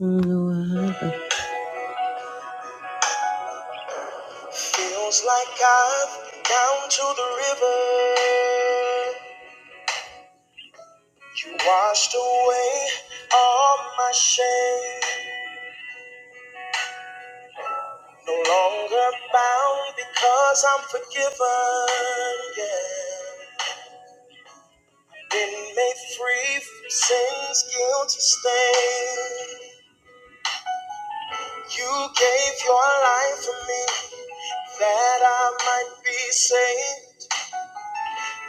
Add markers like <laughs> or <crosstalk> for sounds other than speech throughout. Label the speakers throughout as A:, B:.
A: don't know what happened. Feels like I've down to the river. You washed away all my shame. No longer bound because I'm forgiven. Yeah. Been made free from sin's guilty stain. You gave your life for me that I might be saved.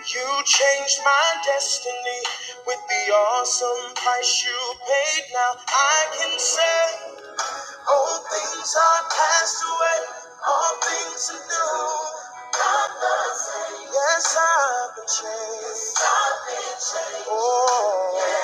A: You changed my destiny with the awesome price you paid. Now I can say, all things are passed away, all things are new. I'm the same. Yes, I've been changed. Oh.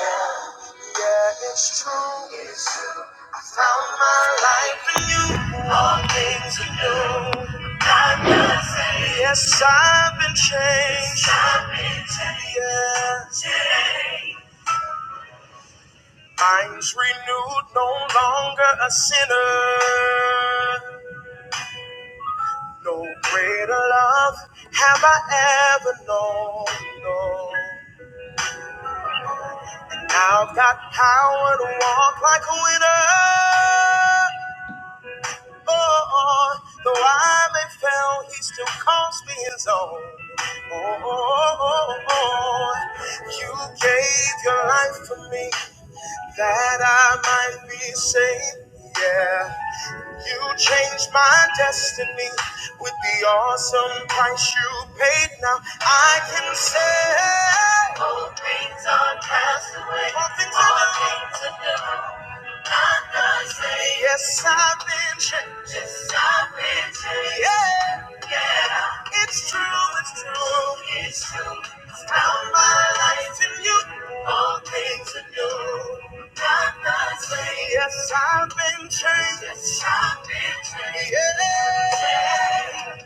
A: Yeah, it's true. It's true. I found my life in you. All things are new. God does it. Yes, I've been changed. Yes, I've been changed. Yes. Minds renewed, no longer a sinner. No greater love have I ever known. No. Now I've got power to walk like a winner. Oh, though I may fail, he still calls me his own. Oh, oh, oh, oh. you gave your life for me that I might be saved. Yeah, you changed my destiny with the awesome price you paid. Now I can say, All things are passed away, all things are new. All things are new. Yes, I've been changed. Yes, I've been changed. Yeah. Yeah. It's true, it's true. It's true. Found my life in you. All things in you. Not the same. Yes, I've been changed. Yes, I've been changed. Yeah. Yeah.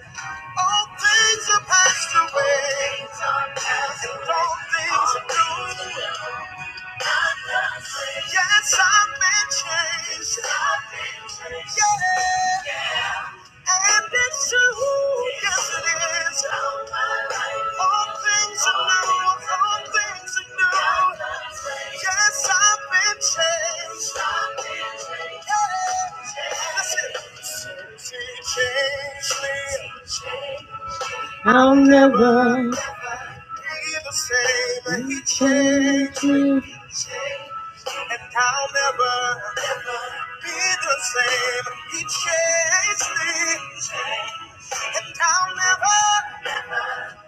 A: All things are passed away. All things are passed away. And all things are new. Yes, I've been changed. I've been changed. Yeah. yeah. And it's true. Yes, it is. All things are new. All things are new. Yes, I've been changed. Yeah. Listen. Since he changed me, I'll never be the same. He changed me. And I'll never. be the same. He changed me, and I'll never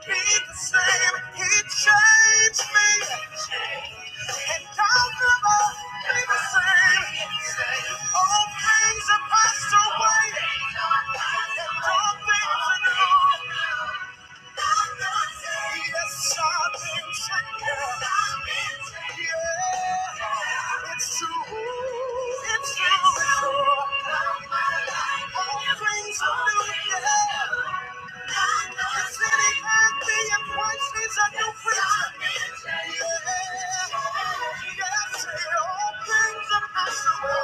A: be the same. He changed me, and I'll never be the same. All things have passed away, and all things are new. I've I've things are possible.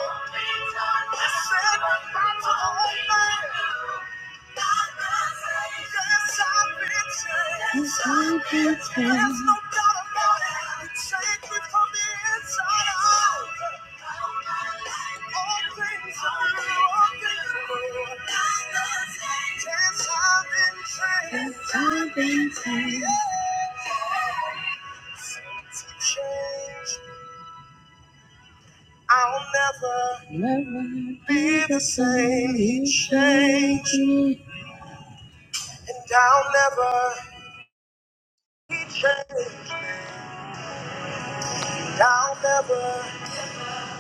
A: Thank you. There's no doubt about it. It's sacred from the inside out. All things are new, all things are new. Yes, I've been changed. Yes, I've been changed. Since you changed, I'll never, never be the same. He changed, and I'll never. He changed me. I'll never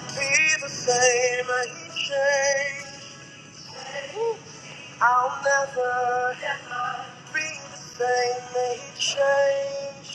A: be the same. He changed. I'll never be the same. He changed.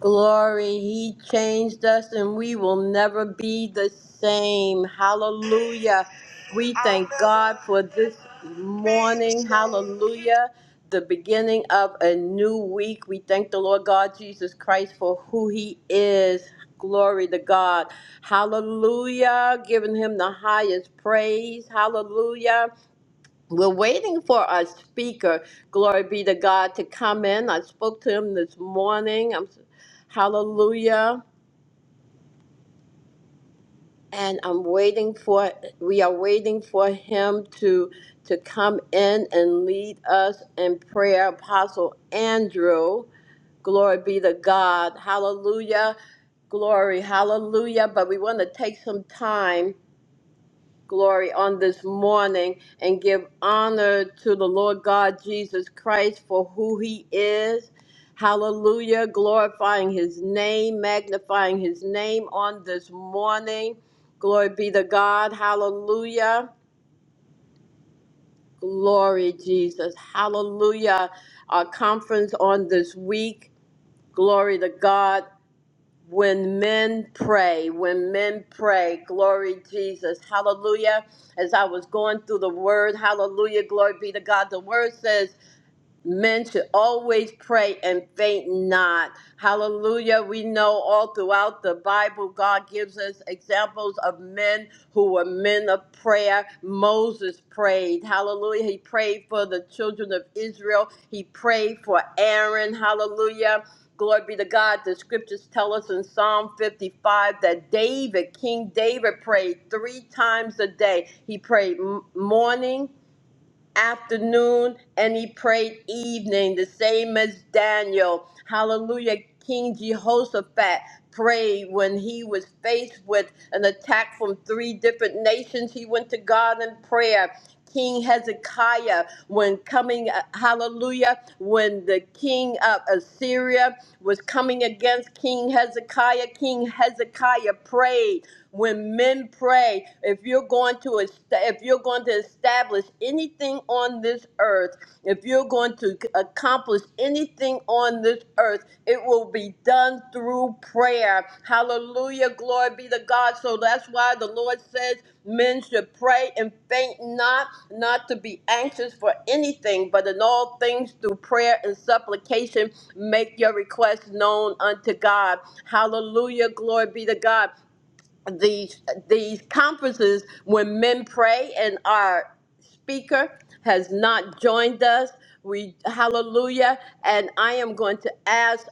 A: Glory, He changed us and we will never be the same. Hallelujah. We thank God for this morning. Hallelujah. The beginning of a new week. We thank the Lord God Jesus Christ for who He is. Glory to God. Hallelujah. Giving Him the highest praise. Hallelujah. We're waiting for our speaker, glory be to God, to come in. I spoke to him this morning. I'm, hallelujah. And I'm waiting for, we are waiting for him to, to come in and lead us in prayer. Apostle Andrew, glory be to God. Hallelujah. Glory. Hallelujah. But we want to take some time. glory on this morning and give honor to the Lord God Jesus Christ for who he is. Hallelujah. Glorifying his name, magnifying his name on this morning. Glory be to God. Hallelujah. Glory, Jesus. Hallelujah. Our conference on this week. Glory to God when men pray, when men pray, glory Jesus, hallelujah. As I was going through the word, hallelujah, glory be to God. The word says Men should always pray and faint not. Hallelujah. We know all throughout the Bible, God gives us examples of men who were men of prayer. Moses prayed. Hallelujah. He prayed for the children of Israel, he prayed for Aaron. Hallelujah. Glory be to God. The scriptures tell us in Psalm 55 that David, King David, prayed three times a day. He prayed m- morning, afternoon and he prayed evening, the same as Daniel. Hallelujah. King Jehoshaphat prayed when he was faced with an attack from three different nations. He went to God in prayer. King Hezekiah, when coming, uh, hallelujah, when the king of Assyria was coming against King Hezekiah, King Hezekiah prayed when men pray, if you're going to est- if you're going to establish anything on this earth, if you're going to accomplish anything on this earth, it will be done through prayer. Hallelujah. Glory be to God. So that's why the Lord says men should pray and faint not, not to be anxious for anything, but in all things through prayer and supplication, make your requests known unto God. Hallelujah. Glory be to God these these conferences when men pray and our speaker has not joined us we hallelujah and i am going to ask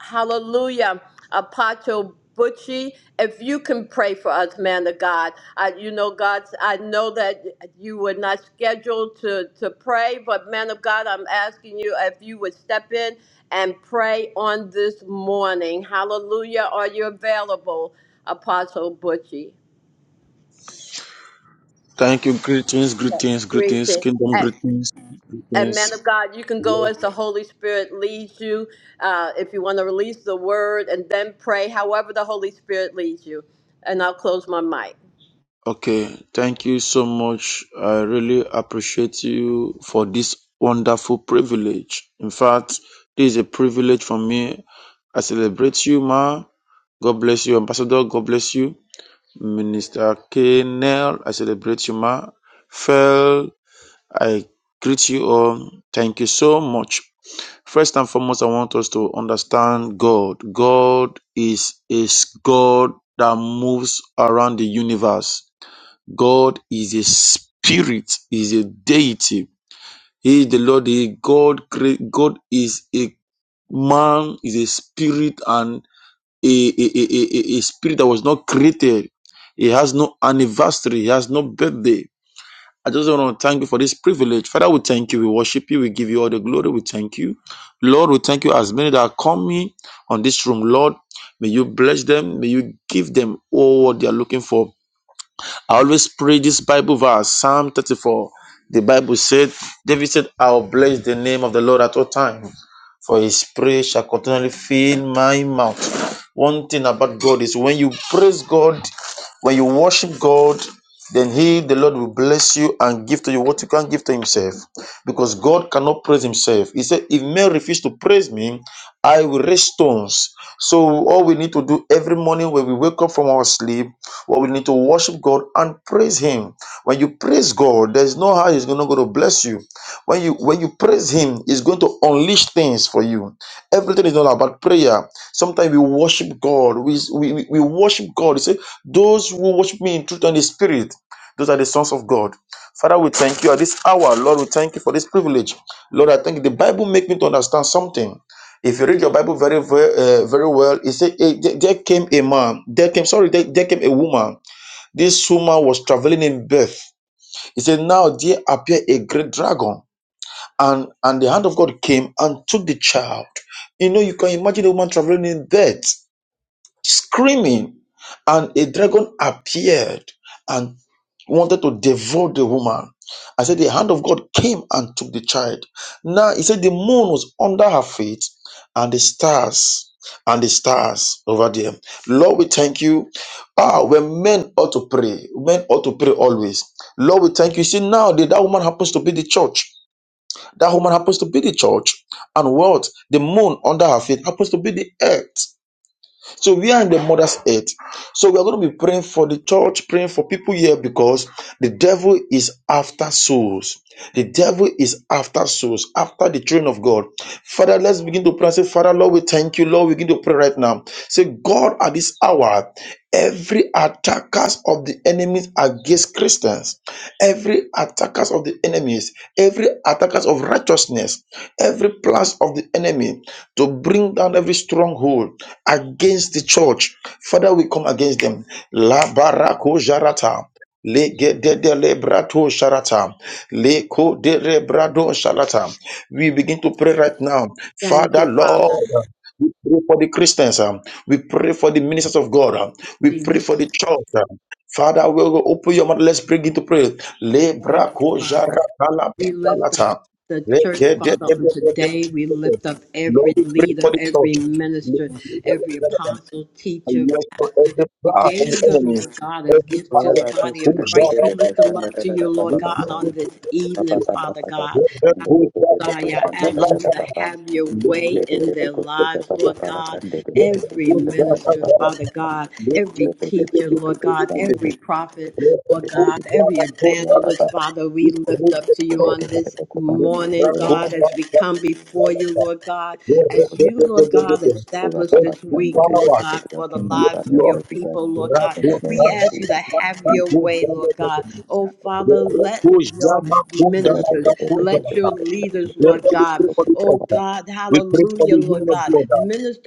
A: Hallelujah. Apostle Butchie, if you can pray for us, man of God. I, you know, God, I know that you were not scheduled to, to pray, but man of God, I'm asking you if you would step in and pray on this morning. Hallelujah. Are you available, Apostle Butchie?
B: Thank you. Greetings, greetings, greetings,
A: Greeting.
B: kingdom greetings,
A: And men
B: greetings.
A: of God, you can go as the Holy Spirit leads you. Uh, if you want to release the word and then pray, however the Holy Spirit leads you. And I'll close my mic.
B: Okay, thank you so much. I really appreciate you for this wonderful privilege. In fact, this is a privilege for me. I celebrate you, Ma. God bless you, Ambassador. God bless you, Minister Kenel. I celebrate you, Ma. Fel. I greet you all. Thank you so much. First and foremost, I want us to understand God. God is is God that moves around the universe. God is a spirit, is a deity. He is the Lord. He God create. God is a man, is a spirit, and a, a, a, a, a a spirit that was not created. He has no anniversary. He has no birthday I just want to thank you for this privilege. Father, we thank you. We worship you. We give you all the glory. We thank you. Lord, we thank you as many that are coming on this room. Lord, may you bless them. May you give them all what they are looking for. I always pray this Bible verse, Psalm 34. The Bible said, David said, I'll bless the name of the Lord at all times, for his praise shall continually fill my mouth. One thing about God is when you praise God, when you worship God, then he, the Lord, will bless you and give to you what you can't give to himself. Because God cannot praise himself. He said, If men refuse to praise me, I will raise stones. So all we need to do every morning when we wake up from our sleep well, we need to worship God and praise Him. When you praise God, there's no how He's not going to bless you. When you when you praise Him, He's going to unleash things for you. Everything is not about prayer. Sometimes we worship God. We we, we we worship God. He said, "Those who worship Me in truth and in spirit." Those are the sons of God. Father, we thank you at this hour. Lord, we thank you for this privilege. Lord, I thank you. The Bible make me to understand something. If you read your Bible very very, uh, very well, it said eh, there there came a man. There came sorry, there, there came a woman. This woman was traveling in birth. It said, now there appeared a great dragon, and and the hand of God came and took the child. You know, you can imagine a woman traveling in birth screaming, and a dragon appeared and wanted to devour the woman. I said, The hand of God came and took the child. Now he said the moon was under her feet, and the stars, and the stars over there. Lord, we thank you. Ah, when men ought to pray, men ought to pray always. Lord, we thank you. See, now that that woman happens to be the church. That woman happens to be the church. And what? The moon under her feet happens to be the earth. So we are in the mother's earth. So we are going to be praying for the church, praying for people here because the devil is after souls. The devil is after souls, after the children of God. Father, let's begin to pray. Say, Father, Lord, we thank you. Lord, we begin to pray right now. Say, God, at this hour, every attackers of the enemies against Christians every attackers of the enemies, every attackers of righteousness, every plans of the enemy to bring down every stronghold against the church. Father, we come against them. La barako jarata. Le de le brato sharata, le ko de le brado sharata. We begin to pray right now,
A: Thank
B: Father
A: you, Father
B: Lord. We pray for the Christians. um, We pray for the ministers of God. um, We pray for the
A: Jesus.
B: church. um, Father, we will open your mouth. Let's begin to pray.
A: Thank
B: Lebra
A: you,
B: koja
A: Father.
B: rakala
A: We lift up
B: patalata.
A: the
B: Le- de-
A: church,
B: de-
A: Father,
B: de-
A: on
B: de- de- de-
A: today. We
B: de- de.
A: lift up every
B: Lord, we pray
A: leader,
B: for the
A: every
B: church. Lord,
A: minister,
B: we pray for
A: every
B: the church.
A: apostle, teacher,
B: Unless for
A: pastor.
B: every
A: You
B: power of the
A: gave them,
B: enemy,
A: Lord God, as
B: every
A: gifts to
C: Ure
B: power
A: the
C: bate
A: body
C: se
A: of
C: de be be
A: Christ. We
C: be
A: lift them
C: koshan
A: up
C: da da
A: to
C: da da
A: you,
C: ba
A: Lord
C: ba ba
A: God,
C: san
A: on this
C: ba ba
A: evening,
C: ba ba
A: Father
C: ba ba ba
A: God.
C: san de de de de be
A: Messiah,
C: koshan da da
A: asking
C: da
A: you
C: da
A: to
C: ba ba
A: have your way
C: de de
A: in
C: de be
A: their
C: koshi da
A: lives,
C: ba ba
A: Lord
C: ba la kan
A: God.
C: de de de be
A: Every
C: koshi da da da ba
A: minister,
C: ba ba
A: Father
C: ba ba
A: God, every
C: de be be be
A: teacher,
C: be be
A: Lord
C: be
A: God,
C: san de de
A: every
C: de
A: prophet,
C: de de
A: Lord
C: de de
A: God,
C: de de
A: every
C: ura ba ba
A: evangelist,
C: ba
A: Father, we lift up to
C: de
A: you
C: de
A: on
C: de de de
A: this
C: be ko ba
A: morning,
C: ura ba
A: God,
C: ba
A: as we come before
B: who
A: you, Lord
C: de
A: God,
C: de de
B: Lord,
C: be
B: let
A: as
C: ko
B: the-
C: da
A: you,
C: da
B: the- the-
A: Lord
B: the-
A: God,
B: the-
C: ura
A: establish
C: ba
B: the-
C: ba
A: this
B: the
C: san de
A: week,
C: de de
A: Lord
B: power,
C: de de
A: God,
C: de Your
A: for the
C: kingdom
B: yes,
A: lives
C: come,
A: of
C: your
A: your
B: Lord,
C: will be done
A: people, Lord God.
C: in the
B: Rakuta,
C: name
A: We
C: of
A: ask you to
C: Jesus.
B: Rakuta,
A: have
C: <clears throat>
A: your
B: Rakuta, Rakuta, Rakuta,
A: way, Lord
B: Rakuta,
A: God. Oh,
C: San de de de
A: Father,
C: ba ba
A: let your
C: ura be
B: Rakuta,
A: ministers
C: be be be be
A: let
C: be be
A: your
B: Rakuta.
C: be san de
A: leaders,
C: de de
A: Lord
B: Therefore,
C: de
B: we
A: God,
B: pray for the
C: de de
A: oh
B: altar.
A: God,
B: We pray for the
A: hallelujah, Lord
B: women of
A: God,
B: God.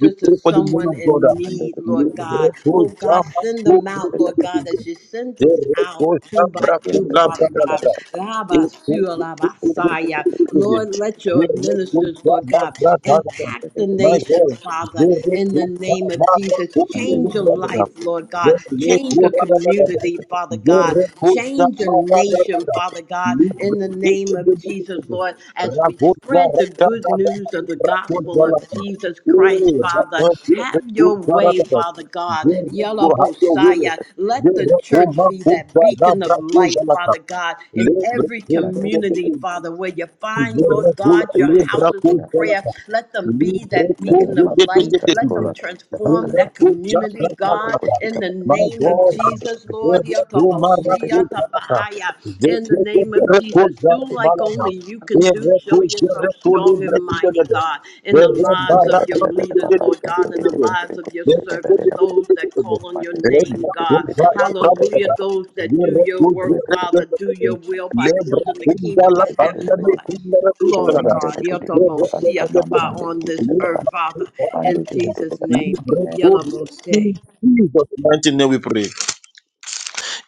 B: We
A: to
B: pray for the men
A: someone
B: of God.
A: in
C: under
A: need,
C: the under the
A: Lord God.
B: Rakuta,
A: Oh God,
B: Rakuta,
A: send them out, Lord God, as you send us
B: Rakuta.
A: out two by
B: Rakuta,
A: two,
B: Rakuta,
C: under
A: Father
B: Rakuta,
A: God.
B: Rakuta.
C: the
A: Rabba, Sula, Rabba, Saya. Lord, let your
B: There is no
A: ministers,
B: God
A: Lord God,
B: but God.
A: Impact the
B: My
A: nations,
B: God,
A: Father,
B: there is
A: in
B: no
A: the
B: God
A: name of
B: but
A: Jesus.
B: God.
C: under
A: Change your life, Lord
B: There
A: God.
B: is no
A: Change
B: God
A: your
B: but God.
A: community, Father
B: There
A: God.
B: is no
A: Change your
B: God but
A: nation,
B: God.
A: Father God,
B: Libre
A: in the
B: de
A: name
B: de
A: of
B: de de
A: Jesus,
B: de de.
A: Lord, as we
B: Ragoja
A: spread the
B: raja
A: good
B: raja
A: news of the
B: libra
A: gospel
B: controla.
A: of Jesus Christ,
B: Eh,
A: Father.
B: raja de
A: Have
B: de
A: your
B: de
A: way,
B: raja.
A: Father God.
B: There is no
A: Yellow
B: have your will.
A: Bosiah.
B: There
A: Let the
B: is no
A: church
B: man
A: be
B: who
A: that beacon of
B: rabra
A: light,
B: controla.
A: Father God, in
B: Libre
A: every
B: de de de de
A: community,
B: de.
A: Father, where you find,
B: There is
A: Lord
B: no
A: God, your their
B: libra
A: houses of prayer.
B: controla.
A: Let them
B: My
A: be that
C: in the name
A: beacon
B: God,
A: of
C: of
A: light.
C: Jesus,
A: Let
C: call
A: them
C: up the
A: transform
C: Bakaya,
A: that community,
C: the
A: God, in
C: Bokotika,
A: the name of Jesus, Lord. Yakabosia tabahaya. In the name of Jesus, do like only you can do. Show yourself strong and mighty, God, in the lives of your leaders, Lord God, in the lives of your servants, those that call on your name, God. Hallelujah. Those that do your work,
C: the
A: Father, do your will by
B: Lebra
A: building the
B: kunda
A: kingdom
B: la
A: of heaven,
B: banda de
A: Lord.
B: kunda la
A: Glory,
B: kushkala
A: God.
B: Lebra
A: Yotobo-shiataba On this
B: Kundala
A: earth,
B: in
A: Father, in Jesus' name. yellow bo We
B: Jesus' mighty name we pray.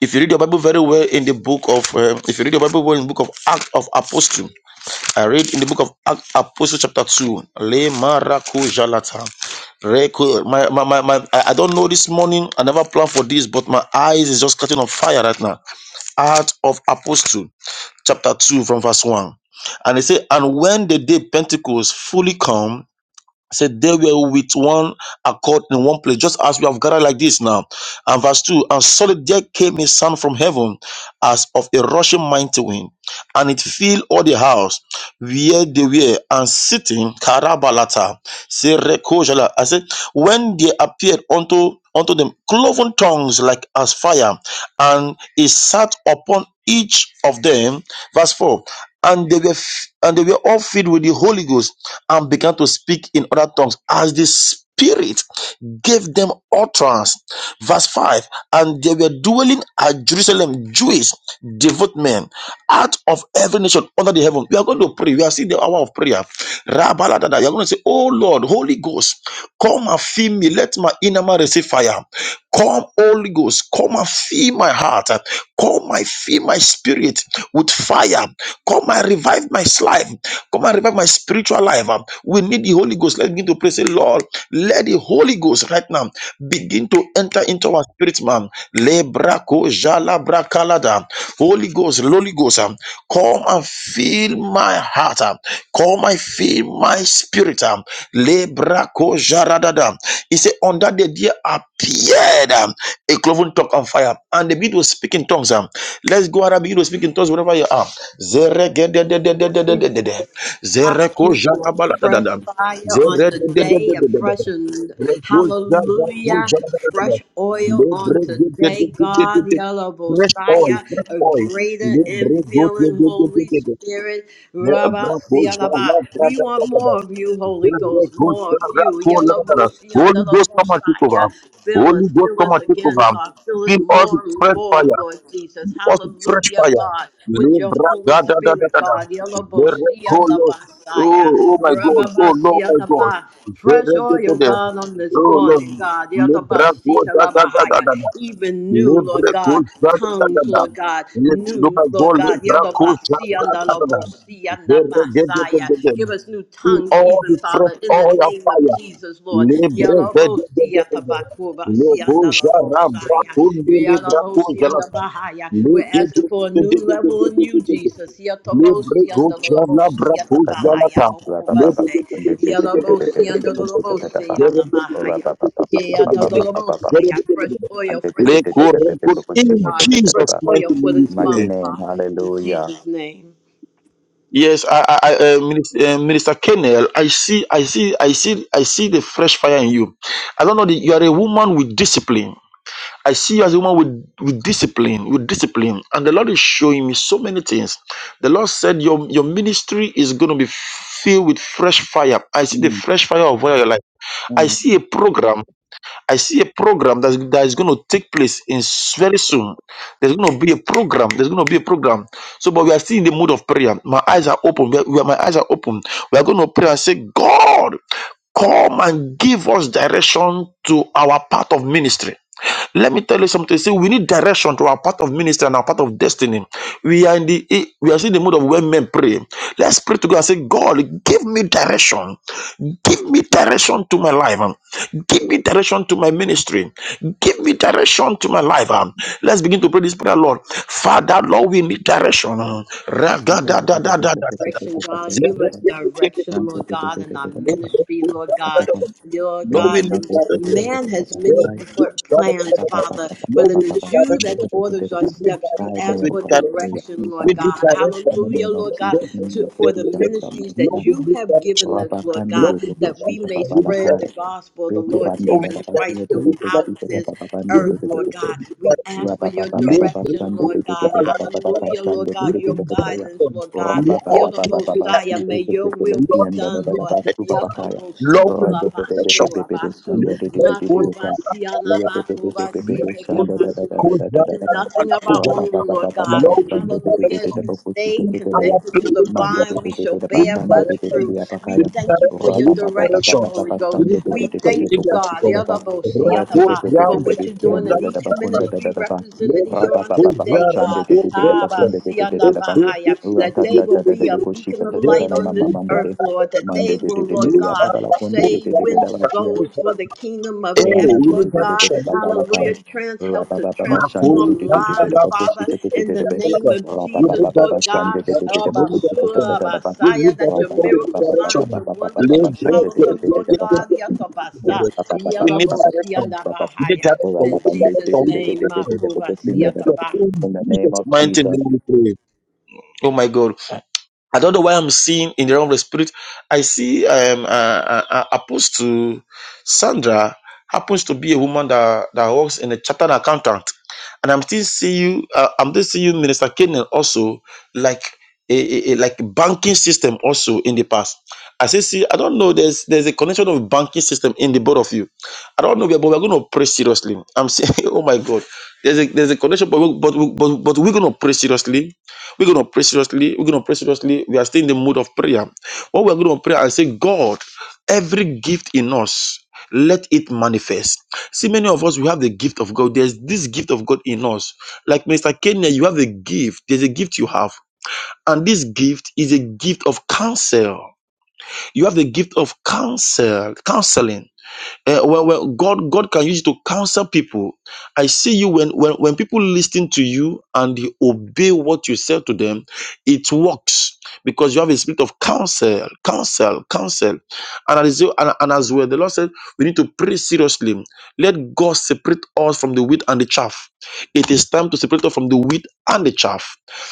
B: If you read your Bible very well in the book of, uh, if you read your Bible well in the book of Acts of Apostle, I read in the book of Acts, Apostle chapter two. Le maraku jalata. Reku- My, my, my, my, I I don't know this morning. I never planned for this, but my eyes is just catching on fire right now. Acts of Apostle chapter two from verse one, and they say, and when the day Pentecost fully come said they were with one accord in one place, just as we have gathered like this now. And verse 2 And suddenly there came a sound from heaven as of a rushing mighty wind, and it filled all the house where they were, and sitting, Karabalata, Serekojala. I said, When they appeared unto unto them cloven tongues like as fire, and it sat upon each of them. Verse 4 and they were f- and they were all filled with the Holy Ghost and began to speak in other tongues as the Spirit gave them utterance. Verse 5 And they were dwelling at Jerusalem, Jewish, devout men, out of every nation under the heaven. We are going to pray. We are seeing the hour of prayer. Rabaladada. You are going to say, Oh Lord, Holy Ghost, come and fill me. Let my inner man receive fire. Come, Holy Ghost, come and fill my heart. Come and fill my spirit with fire. Come and revive my life. Come and revive my spiritual life. We need the Holy Ghost. Let's begin to pray. Say, Lord, let the Holy Ghost right now begin to enter into our spirit, man. Lebrako jala Brakalada, Holy Ghost, Holy Ghost, um, come and fill my heart. um, Come and fill my spirit. um, Lebrako Jaradada. He said, On that day there appeared um, a cloven tongue on fire, and the beat was speaking tongues. um. Let's go around and begin to speak in tongues wherever you are. Zeregededededededede.
A: ask
B: Zereko
A: you for fresh
B: Jarabaladadada.
A: fire on today, a
B: Zerededededededede.
A: fresh and
B: Rebuza,
A: hallelujah.
B: rebuza, rebuza.
A: fresh oil
B: Lebre,
A: on
B: de, de, de,
A: today,
B: de, de, de,
A: God, the
B: de.
A: Yellow
B: Fresh oil,
A: Bosiah,
B: fresh
A: a
B: oil.
A: greater
B: Lebre, do, de,
A: infilling,
B: de, de, de,
A: Holy
B: de, de.
A: Spirit,
B: Le, bra,
A: Rabba
B: bo, ja,
A: Sialaba. We
B: da, da,
A: want
B: da, da.
A: more of you,
B: Re,
A: Holy
B: re,
A: Ghost,
B: go,
A: more
B: ja,
A: of
B: ra,
A: you,
B: ko, la,
A: Yellow
B: da, da.
A: Bosiah,
B: Holy
A: Yellow
B: Ghost, come and take over.
A: Bosiah. Fill
B: Holy
A: us,
B: Ghost,
A: fill
B: come
A: us
B: and take
A: again,
B: over.
A: God. Fill us
B: Feel all the
A: more and
B: fresh
A: more,
B: fire,
A: Lord Jesus.
B: all the fresh
A: Hallelujah,
B: fire.
A: God, with your
B: Lebra,
A: Holy
B: da, da, da, da,
A: Spirit,
B: da, da.
A: God. Yellow
B: Re, re,
A: Bosiah, Nabasaya,
B: Oh, oh my
A: Rabba
B: God. Oh, no,
A: Bosiah, Nabasaya. Fresh
B: my
A: oil,
B: God.
A: God, on this
B: Oh Lord,
A: morning, God.
B: Libra Goda da da da da
A: Yadabasikalabahaya.
B: da. da.
A: Even new, Lord
B: Libra
A: God,
B: Goda da da da
A: tongues,
B: da. da.
A: Lord God, new,
B: Libra
A: Lord
B: Goda
A: God,
B: Libra Goda da da da da. da. Libra Goda da
A: Yadabasiandalabosiandabasaya.
B: da da.
A: give us new
B: In
A: tongues,
B: all the
A: even
B: fresh
A: Father, in the
B: oil of
A: name of
B: fire.
A: Jesus, Lord.
B: Libra Goda da da da da. Leboja rabra
A: Yadabosiatabakobasiandalabosaya.
B: kundi libra kuza la
A: Yadabosiandabahaya. We're
B: lege
A: asking for a new level in you, Jesus.
B: libre gocha labra kuza la
A: Yadabosiandalabosiatabahaya.
B: ta lege
A: Mokobase. Yadabosiandalabosiandabahaya. Yeah, I go the Lord Say I fresh oil, fresh oil for this week,
B: in
A: God. Fresh
B: Jesus' mighty
A: oil for
B: name we
A: this
B: pray.
A: month, God. In
C: Hallelujah. Mm.
A: Jesus' name.
B: Yes, I, I, I, uh, Minister, uh, Minister Kennel, I see, I see, I see, I see the fresh fire in you. I don't know that you are a woman with discipline. I see you as a woman with, with discipline, with discipline. And the Lord is showing me so many things. The Lord said your, your ministry is going to be filled with fresh fire. I see the fresh fire of oil in your life. I see
C: Amen.
B: a program. I see a program that's, that is going to take place in s- very soon. There's going to be a program. There's going to be a program. So, but we are still in the mood of prayer. My eyes are open. We are, we are- my eyes are open. We are going to pray and say, God, come and give us direction to our part of ministry. Let me tell you something. See, we need direction to our part of ministry and are part of destiny. We are in the we are still in the mode of when men pray. Let's pray to God and say, God, give me direction. Give me direction to my life. um. Give me direction to my ministry. Give me direction to my life. um. Let's begin to pray this prayer, Lord. Father, Lord, we need direction. um.
A: direction, God. Give us direction, Lord God, in our ministry, Lord God. Lord
B: Lord, we
A: God,
B: need
A: the
B: direction.
A: man has many
B: Lord, we
A: pl-
B: need
C: Ba-
A: plans,
C: ba-
B: direction.
C: ba- ba-
A: Father,
C: ba-
A: but
B: Lord, we
A: it
C: ba- ba-
B: need
A: is
C: ba-
A: you
C: Shanda
A: that
C: da-
B: direction.
C: da- da- da-
A: orders
C: da-
A: our
C: ba.
B: Give me
A: steps. We
C: Guide me,
A: ask
C: O
A: for
B: direction.
C: God, direct
A: direction,
C: me,
B: We
A: Lord
C: Father.
B: need
A: God.
C: In the
B: direction.
A: Hallelujah,
C: name of
A: Lord God,
C: Jesus,
B: Lord,
C: may
A: to,
C: nothing
A: for the
C: be done from my
A: ministries
B: Lord,
A: that
B: Lord,
C: flesh.
A: you have given us,
C: Rabba
A: Lord
B: Lord,
A: God,
C: candidate
B: Lord, Lord,
C: of
A: that we
C: Oshita
A: may
B: Lord,
A: spread
B: Lord.
A: the
C: Babalakai.
A: gospel of the
C: Beto
A: Lord
C: Banda
B: Lord, we need direction. Lord, we need direction. We need direction. Yes, Lord, we
C: da
A: Jesus
B: need
A: Christ
C: Basia
B: direction.
C: de
B: We need
A: throughout
C: Rekashita da
B: direction.
A: this
B: We
C: Babando
B: need
A: earth, Lord
C: de
B: direction.
A: God. We ask for your direction, Lord God. Hallelujah, Lord
B: We
A: God, your
B: need
A: guidance,
B: direction.
A: Lord God.
B: Lord, Lord, Lord,
A: Yelabosaya, may your will be done,
B: Lord, Lord, Lord. Lord, We need direction. Lord, give me
A: Lord.
B: that.
A: Yatobosika
B: Lord, give me direction. Lord, we need
A: labasu
B: direction.
A: rabasu.
B: Lord, Lord, Lord, Lord, Lord, Lord. Lord, Lord, Lord, Lord, Lord, Lord, Lord,
A: Makobasiana
B: Lord.
A: makobasiteke
B: Lord,
A: We do nothing of our own, Lord God.
B: we need
A: Hallelujah. As
B: direction.
A: we stay
B: In our
A: connected to
B: prayer,
A: the
B: Lord,
A: vine, we shall
B: We
A: bear
B: need
A: much fruit.
B: direction.
A: We
B: We need
A: thank you for
B: direction.
A: your
B: We need
A: direction,
B: direction.
A: Holy
B: We
A: Ghost.
B: need
A: We
B: direction. We
A: thank
B: need
A: you, God, the
C: Rapa
B: direction.
A: other most, the
C: Rakanda
A: other
B: Rakul
A: by, for
B: Ram
A: what you're doing
B: Rakunda
A: in each
B: Rakala.
A: ministry represented here on
B: Rakul
A: today,
B: Ram
A: God.
B: Rakul
A: Ah, ba,
B: Velakar.
A: si, anda, ba, ha, ya. That they will be a beacon of light on this earth, Lord. That they will, Lord God, save, win souls for the kingdom of
B: Hey,
A: heaven,
B: we
C: Koramande
B: need
A: Lord
C: de de de de
A: God.
C: de
B: direction. We need direction.
A: Hallelujah.
C: papalakai.
A: Trans help to
C: Rapapapa shande de
B: Nakuru,
A: transform
C: de de de
B: Ghana,
C: de de
A: lives, Father,
C: pakusika de de
A: in
C: de
A: the
C: de de.
A: name of
B: We
A: Jesus,
B: need
C: Rapapapa
A: Lord
B: direction,
C: shande
B: we
A: God.
B: need
C: de de de
A: Oh,
B: direction,
C: de
B: we need
C: pakusika de de
B: direction.
A: Basura,
C: de de de.
B: We
A: Basaya,
B: need
A: that your
B: direction, we need
A: miracle signs
B: direction.
A: and wonders shall
B: Lay
C: Rapapapa shande
A: follow
C: de de
A: them,
C: de
B: bread,
C: de
A: Lord
B: bread, bread,
A: God.
B: bread, bread, bread, bread, bread,
A: Yakabasa,
B: bread. We need
A: Yalabosia, and
B: direction. We need
A: Bahaya.
B: direction, we
A: In
B: need
A: Jesus'
B: direction, we need
A: name,
B: direction.
C: de de.
B: Yes,
A: Makuba,
B: Lord. In
C: In the name
B: Jesus'
C: of
B: mighty
C: Jesus.
B: name we pray. Oh my God. I don't know why I'm seeing in the realm of the spirit. I see um, uh, uh, uh, Apostle Sandra happens to be a woman that, that works in a chartered accountant, and I'm still seeing you. Uh, I'm still seeing you, Minister Kenan, also like a, a, a- like banking system also in the past. I say, see, I don't know. There's there's a connection of banking system in the both of you. I don't know, but we're going to pray seriously. I'm saying, <laughs> oh my God, there's a there's a connection, but we, but we, but, but we're going to pray seriously we're going to pray seriously. We're going to pray seriously. We are still in the mood of prayer. What we're going to pray and say, God, every gift in us, let it manifest. See, many of us, we have the gift of God. There's this gift of God in us. Like Mr. Kenya, you have the gift. There's a gift you have. And this gift is a gift of counsel. You have the gift of counsel, counseling. Uh, well, well, God, God can use it to counsel people. I see you when, when, when people listen to you and they obey what you say to them, it works because you have a spirit of counsel, counsel, counsel. And as, you- and, and as well, the Lord said, we need to pray seriously. Let God separate us from the wheat and the chaff. It is time to separate us from the wheat and the chaff.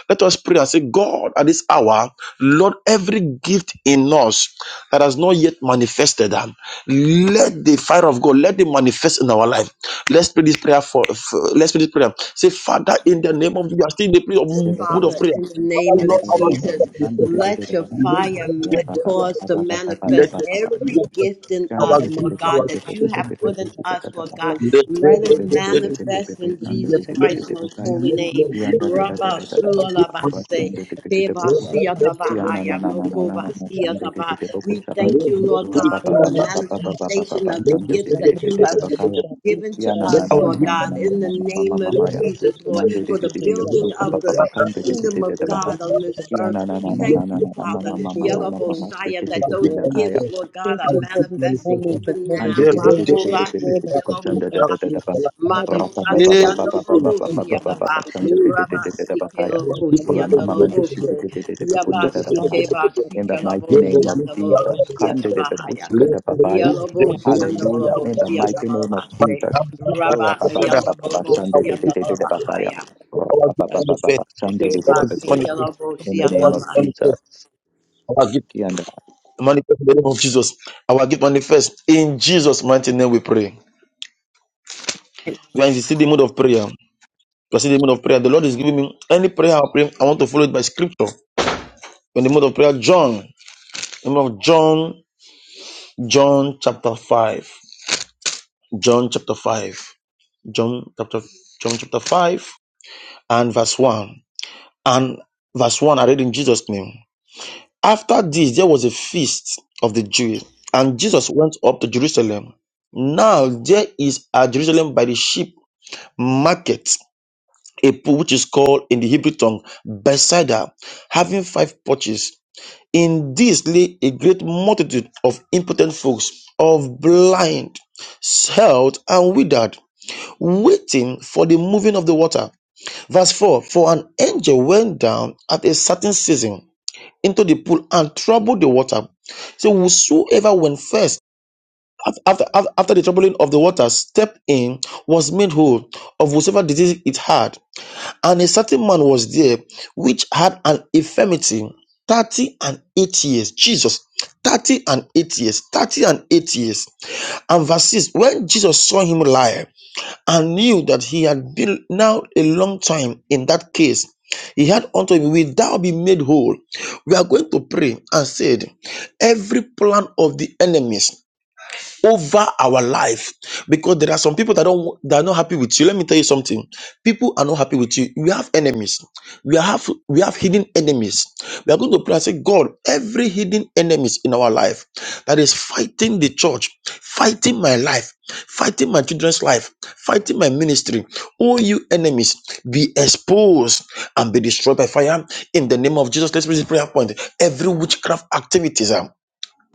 B: Let us pray and say, God, at this hour, Lord, every gift in us that has not yet manifested. Let the fire of God let it manifest in our life. Let's pray this prayer for, for- let's pray this prayer. Say, Father, in the name of you are still in the prayer, of mood of
A: Father,
B: prayer.
A: in the
B: Father,
A: name of
B: Lord, our gift
A: Jesus,
B: of prayer.
A: let your fire m- cause to
B: Let
A: manifest
B: your fire
A: every
B: manifest.
A: gift in
B: our
A: us,
B: gift,
A: Lord God,
B: our
A: that
B: gift
A: you
B: of
A: have
B: prayer.
A: put in us, Lord God.
B: Let the-
A: Let it
B: let the- let the-
A: manifest in
C: Mande
B: Yes,
A: Jesus
B: Lord.
A: Christ's most holy
B: Yes,
A: name.
B: Lord.
C: Kia
B: Yes,
C: na
B: Lord.
A: Rabba
B: Let our gift
A: sulalabase,
B: manifest.
A: keba
B: Let- let- let- let- let- let-
C: na
A: siyatabahaya,
B: let- let- let- let-
A: mokoba siyataba. We
B: let-
A: thank
B: let- let- let-
A: you,
B: let-
A: Lord God, for the
B: let-
A: manifestation of the gifts that you have
B: let- let- let-
A: given to
B: let
A: us,
C: na na
B: our
C: na
A: Lord
C: na na
B: gift
A: God,
C: na
A: in the
C: ma ma ma ma ma
A: name of
B: manifest.
A: Jesus, Lord, for the
B: Manifest
A: building of the
B: Our
A: kingdom of God on this earth. We thank you, Father,
C: ma ma
A: Yellow
C: ma ma
A: Bosiah,
C: shake it it
A: that
C: it
A: those
B: gift
C: it la kaya
A: gifts,
B: manifest.
A: Lord God, are
B: Our gift
A: manifesting
B: manifest in
A: even
C: and
A: now.
C: de- de- de-
B: the
C: de- de- de- de-
A: Makoba,
C: de- de- de- de-
A: Yellow
C: question da- da- da- da-
A: Bosiah.
C: da- ba. Rapa- pa- pa-
A: Makoba,
C: pa- pa- pa- pa-
A: Yellow
C: pa- pa- pa-
A: Bosiah,
C: pa- pa- pa- pa-
A: Yadaba,
C: shan de- de- de- de-
A: Rabba,
C: de- de- de- ba-
A: Sike,
C: kaya.
A: Yellow Bosiah, and
C: Rama-
A: the Yellow
C: mama de- shi- de- de- de- de- de- be- kun da-
A: Yaba,
C: da- da- ba-
A: Sike,
C: kaya.
A: Ba,
C: In
A: Sike,
C: the
A: Yellow
C: mighty name
A: Bosiah,
C: of
A: and the Yellow
C: Jesus. Kan de- de- be- ku- chi- ka- da- ba- kaya.
A: Yalabosi and the
C: Hallelujah. In the
A: Lalabosi and the
C: mighty name of
A: Lalabase,
C: Jesus. Kura- pa- pa-
A: Rabasi
C: pa-
A: and the
C: pa- pa- pa- shan de-
A: Lalabosi
C: de-
A: and
C: de-
A: the
C: de- de- de- ba- kaya.
A: Lalabahaya,
C: Ra- pa- pa- pa- pa- pa- pa- shan de- de- de- de- be-
A: Sebasi
C: kuya. In
A: Yalabosi
C: the
A: and
C: name of
A: the Lase,
C: Jesus. Kianda.
B: name of Jesus. Our gift manifest in Jesus' mighty name we pray. When you see the steady mode of prayer, you see the mode of prayer. The Lord is giving me any prayer I pray, I want to follow it by scripture. In the mode of prayer, John, In the mode of John, John chapter 5. John chapter 5. John chapter John chapter 5 and verse 1. And verse 1, I read in Jesus' name. After this, there was a feast of the Jews, and Jesus went up to Jerusalem. Now there is at Jerusalem by the sheep market a pool which is called in the Hebrew tongue Bethsaida, having five porches. In this lay a great multitude of impotent folks, of blind, held, and withered, waiting for the moving of the water. Verse 4 For an angel went down at a certain season into the pool and troubled the water. So, whosoever went first after, after, after the troubling of the water stepped in was made whole of whatsoever disease it had. And a certain man was there which had an infirmity 30 and 8 years. Jesus, 30 and 8 years, 30 and 8 years. And verse 6 When Jesus saw him lie and knew that he had been now a long time in that case, he had unto him, Will thou be made whole? We are going to pray and said, Every plan of the enemies over our life because there are some people that don't that are not happy with you let me tell you something people are not happy with you we have enemies we have we have hidden enemies we are going to pray and say god every hidden enemies in our life that is fighting the church fighting my life fighting my children's life fighting my ministry all you enemies be exposed and be destroyed by fire in the name of jesus let's raise the prayer point every witchcraft activities ah,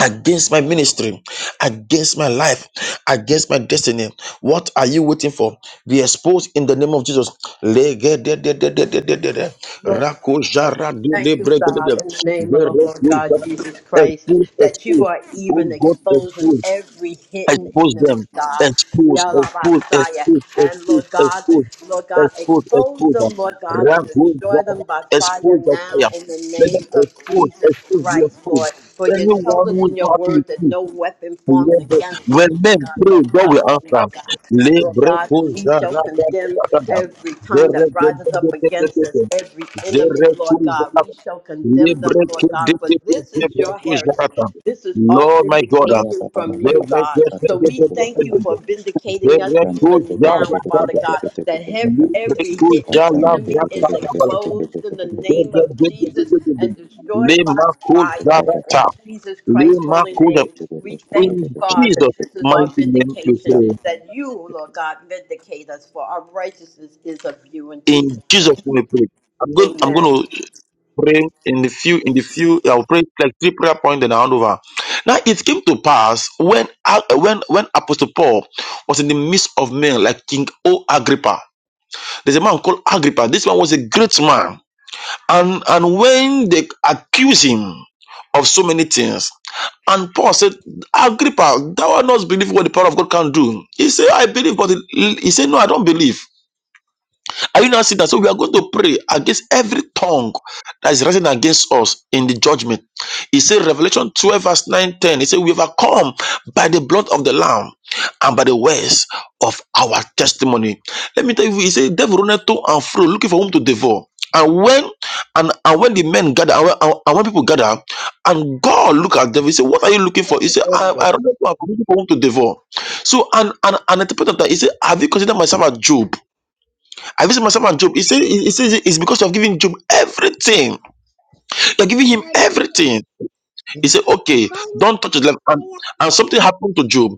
B: against my ministry, against my life, against my destiny. What are you waiting for? Be exposed in the name of Jesus. Legededededededede.
A: Lord, Father, we Thank you, God,
B: Rakojaradudebregedede.
A: in the name of the Lord God
B: Zerekujara.
A: Jesus Christ,
B: Expose,
A: that
B: expose.
A: you are
B: Oh
A: even
B: God,
A: exposing
B: expose,
A: every hidden
B: expose
A: enemy,
B: them.
A: God.
B: Expose, expose,
A: Yalabasaya.
B: expose,
A: And
B: expose,
A: Lord God,
B: expose,
A: Lord God,
B: expose,
A: expose
B: expose
A: them,
B: them.
A: Lord God, and destroy them
B: Rakujara.
A: by fire
B: Expose the
A: now
B: fire.
A: in the
B: Let them
A: name of
B: expose,
A: Jesus
B: expose, be
A: Christ,
B: exposed.
A: Lord. For you
B: Anyone
A: told us
B: who is
A: in your
B: not happy with
A: word that
B: you,
A: no weapon formed
B: Libre-
A: against us,
B: When
A: Lord
B: men
A: God,
B: pray,
A: shall
B: God will
A: prosper,
B: answer.
A: Lord God. Lord
B: Libre
A: God, and we
B: kuza
A: shall
B: ra ra
A: condemn
B: ra ra ra.
A: every tongue
B: Zere
A: that
B: de de
A: rises
B: de
A: up
B: de de
A: against
B: de
A: us,
B: de.
A: every enemy,
B: Zere
A: Lord
B: kuza
A: God.
B: ra.
A: We shall condemn
B: Libre
A: them, Lord
B: ke de
A: God, for
B: de de
A: this
B: de
A: is
B: de
A: your
B: kuza ra
A: heritage.
B: ra.
A: This is our
B: Lord my God, uh,
C: Ra-
A: vindication
C: pa- pa-
A: from
C: pa- pa-
A: you,
B: zere
C: pa-
B: de
A: God.
B: de
C: shan
B: de
A: So
C: de- de-
A: we
C: de-
B: de
C: de-
B: de
C: de- ba-
B: de
A: thank you
C: kaya.
B: de de.
A: for vindicating us
B: Zere
C: Shanda de de
A: even
C: de
B: kuza
A: now,
C: de
B: ra
C: de de de
B: ra
A: Father
C: de
B: ra
C: de
B: ra.
A: God,
C: de de de
A: that hev-
C: koshata.
B: Libre
A: every hidden
B: kuza la
C: Shanda de
B: ra
A: enemy
C: de de
B: ra
A: is
C: de de
B: ra
C: de
B: ra
C: de
B: ra.
C: de de
A: exposed in
C: de
A: the
C: de
B: Zere
A: name
C: koshata.
B: de
A: of
B: de de
A: Jesus
B: de de de.
A: and destroyed by
B: Lima kuza
A: fire
B: ra
C: Koshata
A: in
B: ra.
C: kaba.
A: Jesus Christ's
B: Lima
A: holy
B: kuza.
C: De
A: name.
C: de de
A: We
C: koshanda
A: thank
B: In
A: you,
C: de de de de
A: God,
C: de
A: that
C: de
B: Jesus'
C: de
A: this is
C: de
A: our
B: mighty name we
A: vindication
B: pray.
C: koshata.
A: that you, Lord God, vindicate us for our righteousness is of you in Jesus'
B: In Jesus'
A: name.
B: name we pray. I'm going I'm
A: Amen.
B: going to pray in the few in the few I'll pray like three prayer points and I'll hand over. Now it came to pass when uh, when when Apostle Paul was in the midst of men like King O Agrippa. There's a man called Agrippa. This man was a great man. And and when they accuse him of so many things, and Paul said, Agrippa, thou art not believe what the power of God can do. He said, I believe, but he he said, No, I don't believe. Are you not seeing that? So we are going to pray against every tongue that is rising against us in the judgment. He said, Revelation 12, verse 9 10. He said, We overcome by the blood of the Lamb and by the words of our testimony. Let me tell you, he said, Devil runneth to and fro, looking for whom to devour. And when and, and when the men gather, and when, and- and when people gather, and God look at them, he said, What are you looking for?
D: Sende.
B: He said, I,
D: Okay,
B: I run to and fro, looking for whom to devour. So, and, and, and interpreter he said, Have you considered myself a Job? I visit myself and Job. He said, he he says it's because you have given Job everything. You're giving him everything. He said, okay, don't touch his life.' And, and something happened to Job.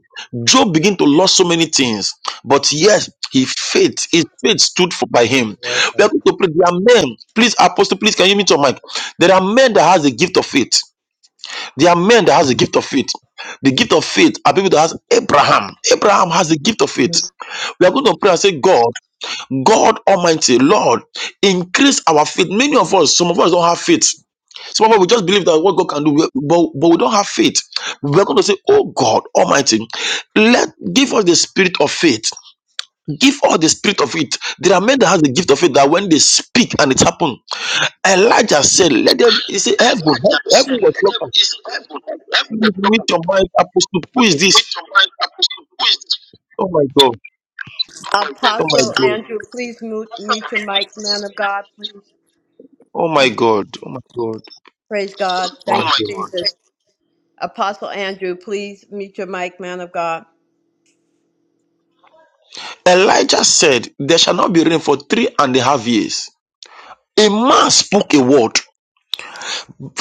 B: Job began to lose so many things. But yes, his faith, his faith stood for by him. We are going
D: welcome.
B: to pray. There are men, please, apostle, please, can you meet your mic? There are men that has the gift of faith. There are men that has the gift of faith. The gift of faith are people that has Abraham. Abraham has the gift of faith. We are going to pray and say, God. God Almighty, Lord, increase our faith. Many of us, some of us don't have faith. Some of us, we just believe that what God can do, but, but we don't have faith. We're going to say, Oh God Almighty, let give us the spirit of faith. Give us the spirit of it. There are men that have the gift of it that when they speak and it happens, Elijah said, Let them, he said, Heaven,
D: And like I was
B: heaven
D: saying,
B: was broken.
D: is the Bible. Every the
B: Meet
D: problem,
B: your mind, apostle. Who
D: the
B: is
D: point
B: this?
D: of mind happens to twist.
B: Oh my God.
D: Oh my
B: Oh my
A: Apostle
B: God.
D: God.
A: Andrew, please mute, mute your mic, man of God, please.
B: Oh my God. Oh my God.
A: Praise God.
B: Oh my
D: Oh
A: Thank
D: my
A: you,
B: God.
D: God.
A: Jesus. Apostle Andrew, please mute your mic, man of God.
B: Elijah said, There shall not be rain for three and a half years. A man spoke a word.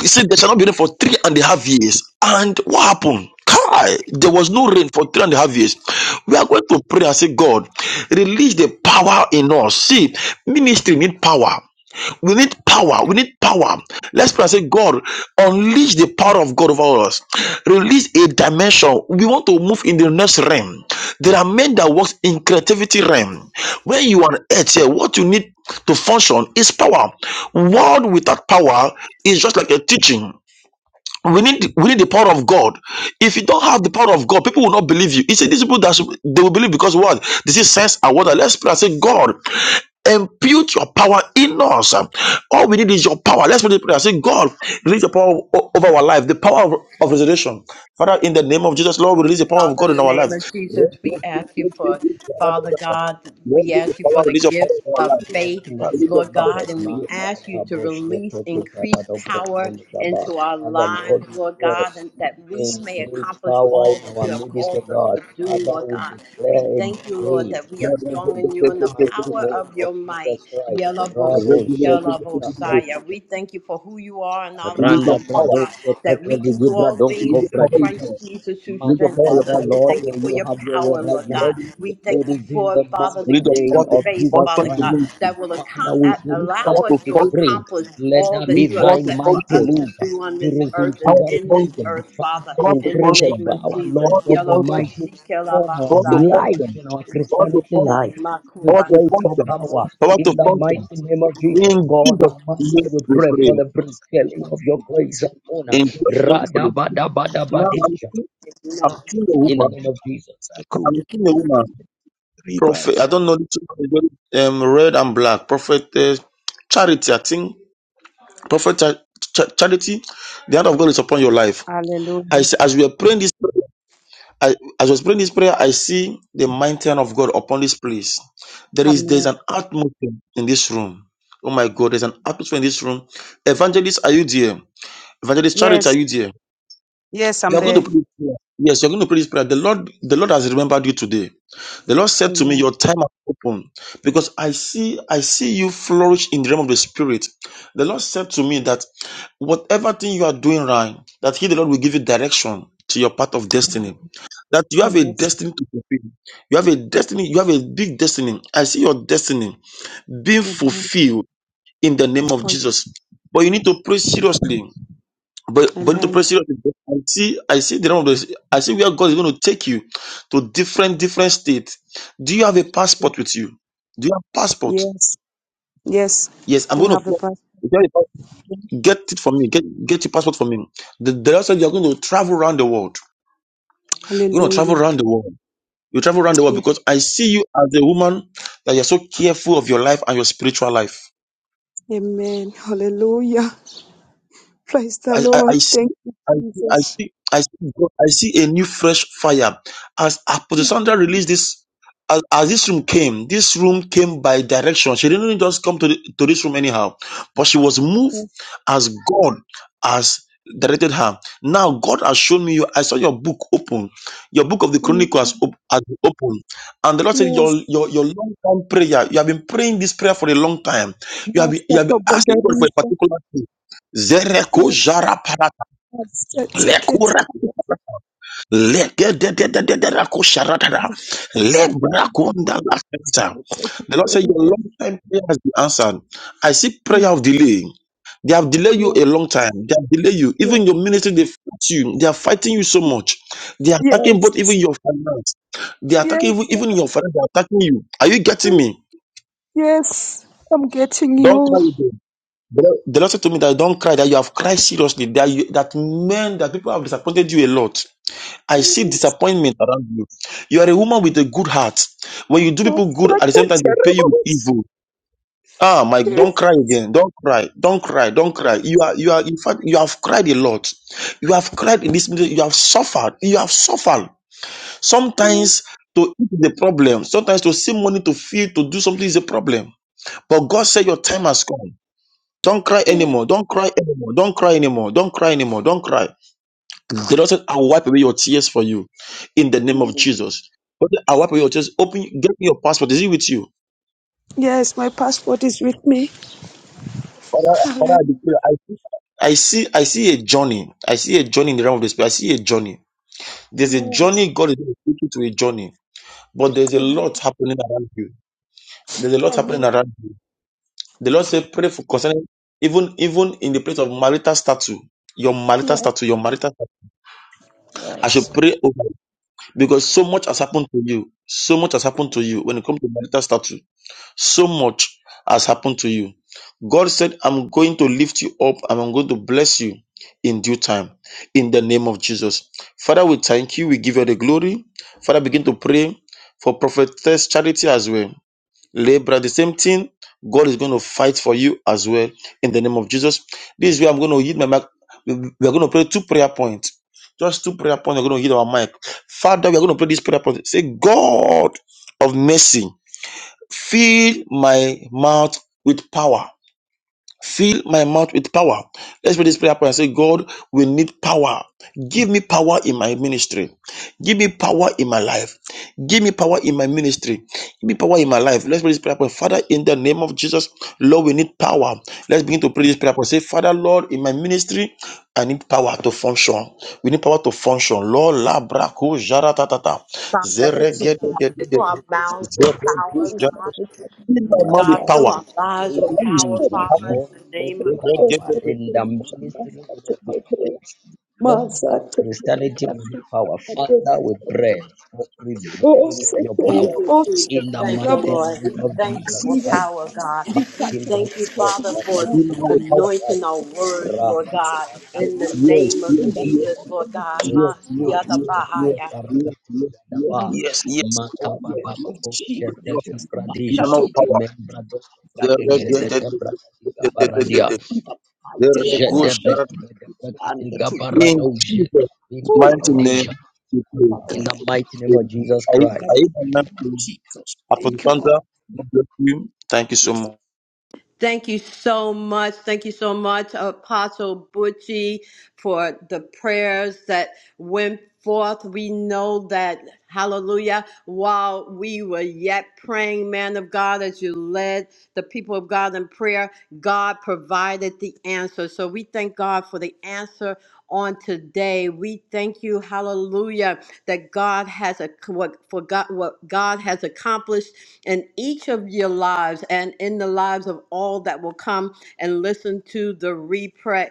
B: He said, There shall not be rain for three and a half years. And what happened? Kai, there was no rain for three and a half years. We are going to pray and say, God, release the power in us. See, ministry need power. We need power. We need power. Let's pray and say, God, Unleash the power of God over us. Release a dimension. We want to move in the next realm. There are men that works in creativity realm. When you are at here, what you need to function is power. Word without power is just like a teaching we need we need the power of God. If you don't have the power of God, people will not believe you. He said these people that should- they will believe because what this is sense and water. Let's pray and say, God, impute your power in us. All we need is your power. Let's pray the prayer. Say, God, release your power o- over our life, the power of, of resurrection. Father, in the name of Jesus, Lord, we release the power of
A: Father,
B: God
A: in
B: in
A: the
B: our life.
A: name of Jesus, we ask you for, Father God,
B: Lord,
A: we
B: release your
A: ask you
B: power,
A: for the
B: release your power
A: gift
D: In
B: in our
D: the
A: of
B: life.
D: mighty
A: faith,
D: name
B: Release
D: of
B: your
A: Lord
B: power.
A: God,
D: Jesus,
A: and we
D: Mata
A: ask you to
D: Rabo
A: release
D: Shepete
A: increased
D: Karado
A: power
D: Brondel Gaba.
A: into our
D: Father,
A: lives,
D: Lord, we
A: Lord
D: pray.
A: God, and that we may
D: Increase
A: accomplish
D: power
A: all
D: in
A: that
D: our
A: you have
D: midst, O
A: called us
D: God.
A: to do,
D: Father,
A: Lord
D: we
A: God. We
D: declare and
A: thank you, Lord,
D: decree.
A: that we are
D: In the
A: strong
D: in
A: in you
D: the
A: and the
D: mighty
A: power
D: name
A: of
D: of
A: your might.
D: Jesus Christ,
A: Yelabosaya.
D: Rabo Shekata Pradeja,
A: We thank you for who you are in our
B: Release
D: Randa
B: your
A: lives,
B: power.
A: Lord God
D: Pradosh
A: that
D: Shepete
A: we can
D: Ligi
A: do all things
B: liga
D: Bradosko
A: through
B: para o
A: Christ
B: irmão,
A: Jesus who
D: my
B: liga para
A: strengthens
B: o
D: Father,
B: para
A: us. We
B: o
D: Lord,
A: thank you
D: may
A: for
B: para
D: you
A: your
D: have your way
A: power,
D: right
A: Lord God.
D: now.
B: The
A: We
B: power.
A: thank
D: It
A: you
D: is in
A: for,
D: the
A: Father,
B: We
A: the
D: mighty
B: need the
A: gift of
B: power
D: name
B: to
D: of
A: faith,
D: Jesus
A: Father
B: function do
A: God,
D: Christ.
B: ministry,
A: that will
D: Father,
A: accom-
D: we
A: a-
B: liga
A: allow
B: para
D: declare
B: o
A: us
D: and
A: to
B: function,
D: decree,
A: accomplish
D: let
A: all
D: there
A: that
B: liga
D: be
A: you have
B: para
D: thy
B: o
A: set for
D: mighty
A: us
B: function,
A: to
D: move.
A: do on
D: It
A: this
D: is in
A: earth and
D: Jesus'
A: in this
D: mighty name.
A: earth,
D: Father,
A: Father,
B: para o
A: in the
D: increase the
B: function,
A: name of
D: power,
A: Jesus.
D: Lord
B: Power to
D: God
B: function,
D: Almighty, on our
B: Power to
A: Yalabosikilabasaya.
D: life,
B: function,
D: in our
A: In
B: Power to
A: Jesus'
D: Christianity
B: function,
D: life.
A: name,
D: We
B: Power to function, Power to
D: pray for
B: function,
D: power
A: Makubasikilabose.
B: Power to
D: in the mighty
B: function.
D: name of Jesus.
B: In
D: God
B: Jesus'
D: Almighty,
B: name
D: we
B: we
D: pray for
B: pray.
D: the prevailing of your grace and honor.
B: In Jesus' name we pray. Now I'm
D: Radabadabadabadisha.
B: seeing, I'm
A: Amen.
B: seeing a
D: In the
B: woman.
D: name of Jesus,
E: Sakuya,
B: I'm seeing a woman. Prophet,
E: rivers
B: I don't
E: of
B: know. This woman is very um, red and black. Prophet uh, Charity, I think Prophet Cha- Cha- Charity, the hand of God is upon your life. I see, as we are praying this, I, as I was praying this prayer, I see the mighty hand of God upon this place. There is there's an atmosphere in this room. Oh my God, there's an atmosphere in this room. Evangelist, are you there? Evangelist Charity, are you there?
F: Yes, I'm
B: You are going to
F: there.
B: pray this prayer. Yes, you're going to pray this prayer. The Lord, the Lord has remembered you today. The Lord said to me, Your time has opened. Because I see, I see you flourish in the realm of the spirit. The Lord said to me that Whatever thing you are doing right, that He, the Lord, will give you direction to your path of destiny. That you have a destiny to fulfill. You have a destiny. You have a big destiny. I see your destiny being
F: Amen.
B: fulfilled in the name of
F: Oh,
B: Jesus. But you need to pray seriously. But, but you need to pray
F: amen.
B: seriously. I see, I see the name of this. I see where God is going to take you to different, different states. Do you have a passport with you? Do you have passport?
F: Yes. Yes.
B: Yes, I'm
F: I
B: going
F: have the
B: to
F: prayer.
B: pray. Get it for me. Get get your passport for me. The, the Lord said you are going to travel around the world. You're going to travel
F: Hallelujah.
B: around the world. You travel around the world
F: Yes.
B: because I see you as a woman that you're so careful of your life and your spiritual life.
F: Amen. Hallelujah. Praise the
B: I, I, I
F: Lord.
B: see
F: Thank you,
B: I see, I
F: Jesus.
B: see, I see, God- I see a new fresh fire. As Apostle Sandra released this, as, as this room came, this room came by direction. She didn't just come to, the, to this room anyhow, but she was moved as God has directed her. Now God has shown me you. I saw your book open, your book of the Chronicle has, op- has been open, and the Lord said your your your long time prayer. You have been praying this prayer for a long time. You have been, you have been asking God for a particular thing Zereko jara para
F: I take it.
B: lekura leke de de de de de rako sharatara lebra lakata. The Lord said, Your long time prayer has been answered. I see prayer of delay. They have delayed you a long time. They have delayed you. Even your ministry, they fight you. They are fighting you so much. They are attacking both even
F: Yes.
B: your finance. They are attacking even,
F: Yes.
B: even your finance. They are attacking you. Are you getting
F: please.
B: me?
F: Yes. I'm getting
B: Don't cry
F: you.
B: again. The Lord the Lord said to me that don't cry, that you have cried seriously, that you, that men, that people have disappointed you a lot I see
F: Yes.
B: disappointment around you. You are a woman with a good heart. When you do
F: my
B: people good, at the same
F: second
B: time they pay you
F: terrible.
B: with
F: Yes.
B: evil. Ah, Mike, don't cry again. Don't cry. Don't cry. Don't cry. You are, you are, in fact, you have cried a lot. You have cried in this meeting. You have suffered. You have suffered. Sometimes to eat is a problem. Sometimes to save money to feed to do something is a problem. But God said your time has come. Don't cry
F: Yes.
B: anymore. Don't cry anymore. Don't cry anymore. Don't cry anymore. Don't cry. The Lord said, I'll wipe away your tears for you in the name of
F: Yes.
B: Jesus. But I'll wipe away your tears. Open, get me your passport. Is it with you?
F: Yes. My passport is with me.
B: Father, Father,
F: Hallelujah.
B: I declare, I see, I see, I see a journey. I see a journey in the realm of the spirit. I see a journey. There's a
F: Yes.
B: journey. God is going to take you to a journey. But there's a
F: Amen.
B: lot happening around you. There's a lot happening
F: Amen.
B: around you. The Lord said, pray for concerning, even, even in the place of marital statue, your marital
F: Yes.
B: statue, your marital statue. I should
F: Yes.
B: pray over it because so much has happened to you. So much has happened to you when it comes to marital statue. So much has happened to you. God said, I'm going to lift you up and I'm going to bless you in due time in the name of Jesus. Father, we thank you. We give you the glory. Father, begin to pray for prophetess charity as well. Labor, the same thing. God is going to fight for you as well in the name of Jesus. This is where I'm going to hit my mic. We're going to pray two prayer points. Just two prayer points. We're going to hit our mic. Father, we're going to pray this prayer point. Say, God of mercy, Fill my mouth with power. Fill my mouth with power. Let's pray this prayer point and say, God, we need power. Give me power in my ministry. Give me power in my life. Give me power in my ministry. Give me power in my life. Let's pray this prayer point. Father, in the name of Jesus, Lord, we need power. Let's begin to pray this prayer point. Say, Father, Lord, in my ministry, I need power to function. We need power to function. Lord, la braco jara tatata.
A: Father,
B: Zere
A: fill our mouths with power, God.
B: He's a
A: Lord
B: man
A: God,
B: with
E: mass
B: power.
A: fill
D: Father,
A: our lives
B: So
D: in the name
B: that
A: with
D: of
B: when you
A: power,
B: see it
D: Jesus,
A: Father,
B: happen,
D: Lord,
A: in the
D: we need
A: name of
B: you don't get
D: power
B: it, get
D: in
B: it.
D: the ministry, we need power. Lord, in our Christianity, we need power. Father, we pray for
F: O
D: prevailing of your
F: sekeria
D: power
A: Jesus,
F: bos
A: you,
D: in
A: Jesus.
D: the
A: Thank you,
D: mighty
F: rabos
A: Lord.
D: name
A: We
D: of
A: thank you
D: Jesus
A: for
D: Christ.
A: power, God. We
D: mighty man
A: thank
D: of
A: you,
D: all
A: Father,
D: that
A: for
D: lived
B: He's a
D: in
B: man with
D: Jesus
B: power.
A: anointing
D: Christ.
A: our words, Lord
D: Rabba
A: God,
D: Shaka
E: in
A: in the
D: Dabra
B: Yes,
A: name of
B: yes, yes,
D: Protection
A: Jesus, Lord
B: yes,
A: God.
D: Dabra,
B: yes, yes,
D: Man
B: yes, yes,
D: Shakida
B: yes, yes, yes,
D: Paradaba
B: yes, yes,
D: Makaba
B: yes,
D: Babo
B: yes, Lord.
D: Shetaki
B: He's a
D: Pradija
B: man with power.
D: Membra dos
B: The red,
D: Pratija
B: the-
D: de
B: the-
D: Gabra
B: the-
D: Tika
B: the- the- the-
D: Paradia
B: the- the
D: Jedebe
B: regulation.
D: Tika
E: your
B: In
D: Parado
B: Jesus'
D: Jetindo
B: mighty
E: power,
B: name,
D: Pradija
B: we pray.
D: in
E: power.
D: the mighty name of
B: Amen.
D: Jesus
B: I,
D: Christ.
B: I even want to Apostle Sandra, God bless you. Thank you so much.
A: Thank you so much. Thank you so much, Apostle Butchie, for the prayers that went forth. We know that, hallelujah, while we were yet praying, man of God, as you led the people of God in prayer, God provided the answer. So we thank God for the answer on today. We thank you, hallelujah, that God has a what for God what God has accomplished in each of your lives and in the lives of all that will come and listen to the replay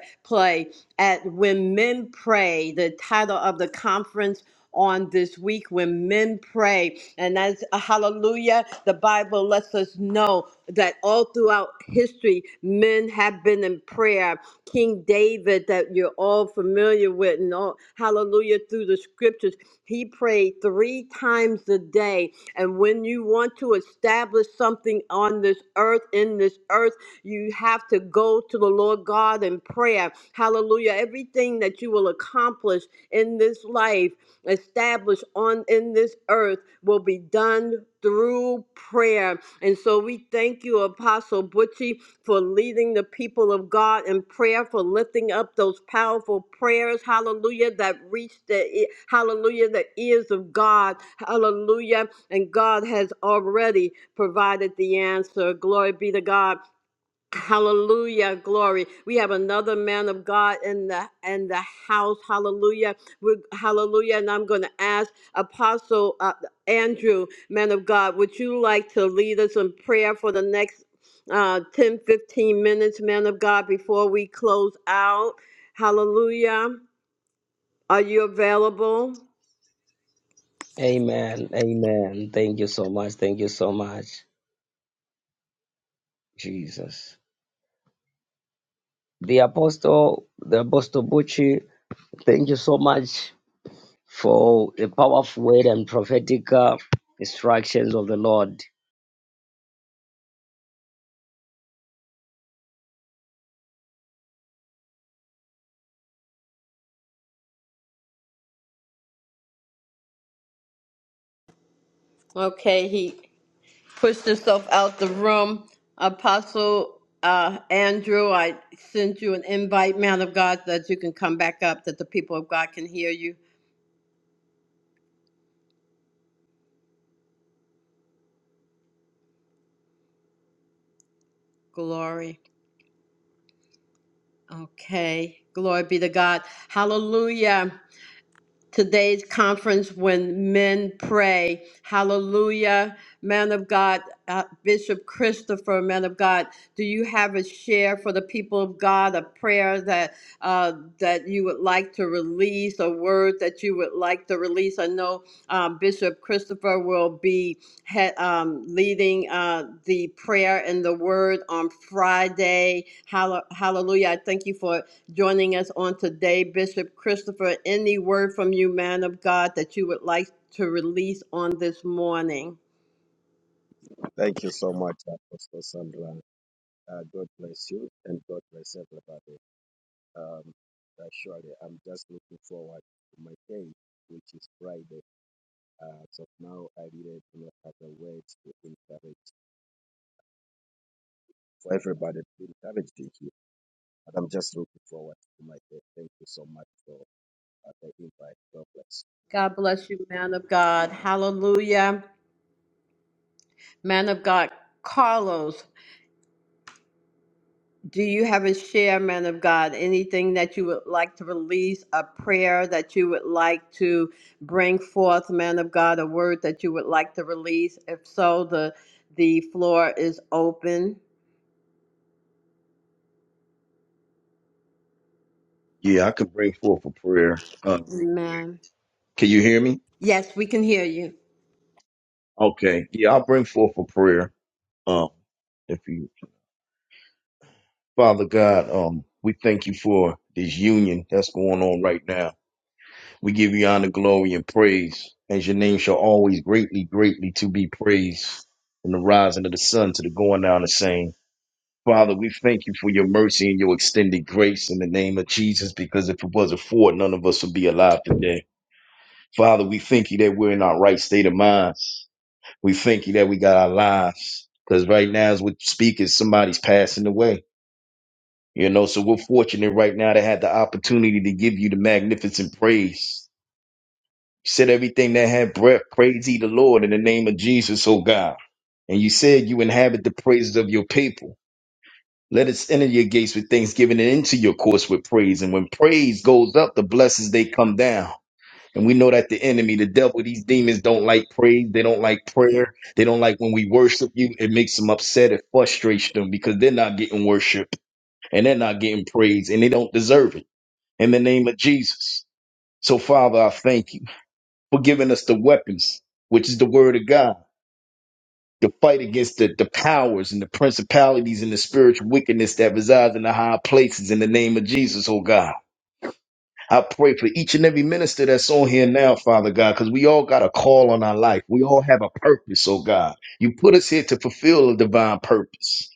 A: at When Men Pray, the title of the conference on this week when men pray and as a hallelujah the bible lets us know that all throughout history men have been in prayer king david that you're all familiar with and all hallelujah through the scriptures he prayed three times a day and when you want to establish something on this earth, in this earth, you have to go to the Lord God in prayer. Hallelujah. Everything that you will accomplish in this life, establish on in this earth, will be done through prayer. And so we thank you, Apostle Butchie for leading the people of God in prayer, for lifting up those powerful prayers, hallelujah, that reach the, e- hallelujah, the ears of God, hallelujah. And God has already provided the answer. Glory be to God. Hallelujah, glory. We have another man of God in the in the house. Hallelujah. We're, hallelujah. And I'm going to ask Apostle uh, Andrew, man of God, would you like to lead us in prayer for the next uh, 10, 15 minutes, man of God, before we close out? Hallelujah. Are you available?
D: Amen. Amen. Thank you so much. Thank you so much, Jesus. The Apostle, the Apostle Bucci, thank you so much for the powerful word and prophetic uh, instructions of the Lord.
A: Okay, he pushed herself out the room. Apostle uh, Andrew, I send you an invite, man of God, so that you can come back up, that the people of God can hear you. Glory. Okay. Glory be to God. Hallelujah. today's conference when men pray. Hallelujah. Man of God, uh, Bishop Christopher, man of God, do you have a share for the people of God, a prayer that uh, that you would like to release, a word that you would like to release? I know um, Bishop Christopher will be had um, leading uh, the prayer and the word on Friday. Hall- Hallelujah. I thank you for joining us on today, Bishop Christopher. Any word from you, man of God, that you would like to release on this morning?
E: Thank you so much, Apostle Sandra. Uh, God bless you and God bless everybody. Um, uh, surely, I'm just looking forward to my day, which is Friday. Uh, as of now, I really do not have the words to encourage for everybody to encourage you. But I'm just looking forward to my day. Thank you so much for uh, the invite. God bless.
A: God bless you, man of God. Hallelujah. Man of God, Carlos. Do you have a share, man of God? Anything that you would like to release, a prayer that you would like to bring forth, man of God, a word that you would like to release? If so, the the floor is open.
G: Yeah, I could bring forth a prayer uh, real quick.
A: Amen.
G: Can you hear me?
A: Yes, we can hear you.
G: Okay. Yeah, I'll bring forth a prayer. Um, if you, Father God, um, we thank you for this union that's going on right now. We give you honor, glory, and praise, as your name shall always greatly, greatly to be praised from the rising of the sun to the going down the same. Father, we thank you for your mercy and your extended grace in the name of Jesus, because if it wasn't for it, none of us would be alive today. Father, we thank you that we're in our right state of minds. We thank you that we got our lives. Because right now, as we speak, is somebody's passing away. You know, so we're fortunate right now to have the opportunity to give you the magnificent praise. You said everything that had breath, praise ye the Lord in the name of Jesus, oh God. And you said you inhabit the praises of your people. Let us enter your gates with thanksgiving and into your courts with praise. And when praise goes up, the blessings they come down. And we know that the enemy, the devil, these demons don't like praise. They don't like prayer. They don't like when we worship you. It makes them upset. It frustrates them because they're not getting worship and they're not getting praise and they don't deserve it in the name of Jesus. So, Father, I thank you for giving us the weapons, which is the word of God, to fight against the, the powers and the principalities and the spiritual wickedness that resides in the high places in the name of Jesus, oh God. I pray for each and every minister that's on here now, Father God, because we all got a call on our life. We all have a purpose, oh God. You put us here to fulfill a divine purpose.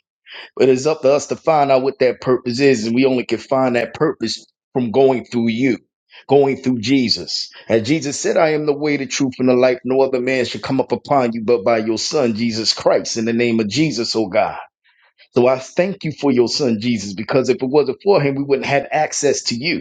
G: But it's up to us to find out what that purpose is, and we only can find that purpose from going through you, going through Jesus. As Jesus said, I am the way, the truth, and the life. No other man should come up upon you but by your Son, Jesus Christ, in the name of Jesus, oh God. So I thank you for your Son, Jesus, because if it wasn't for him, we wouldn't have access to you.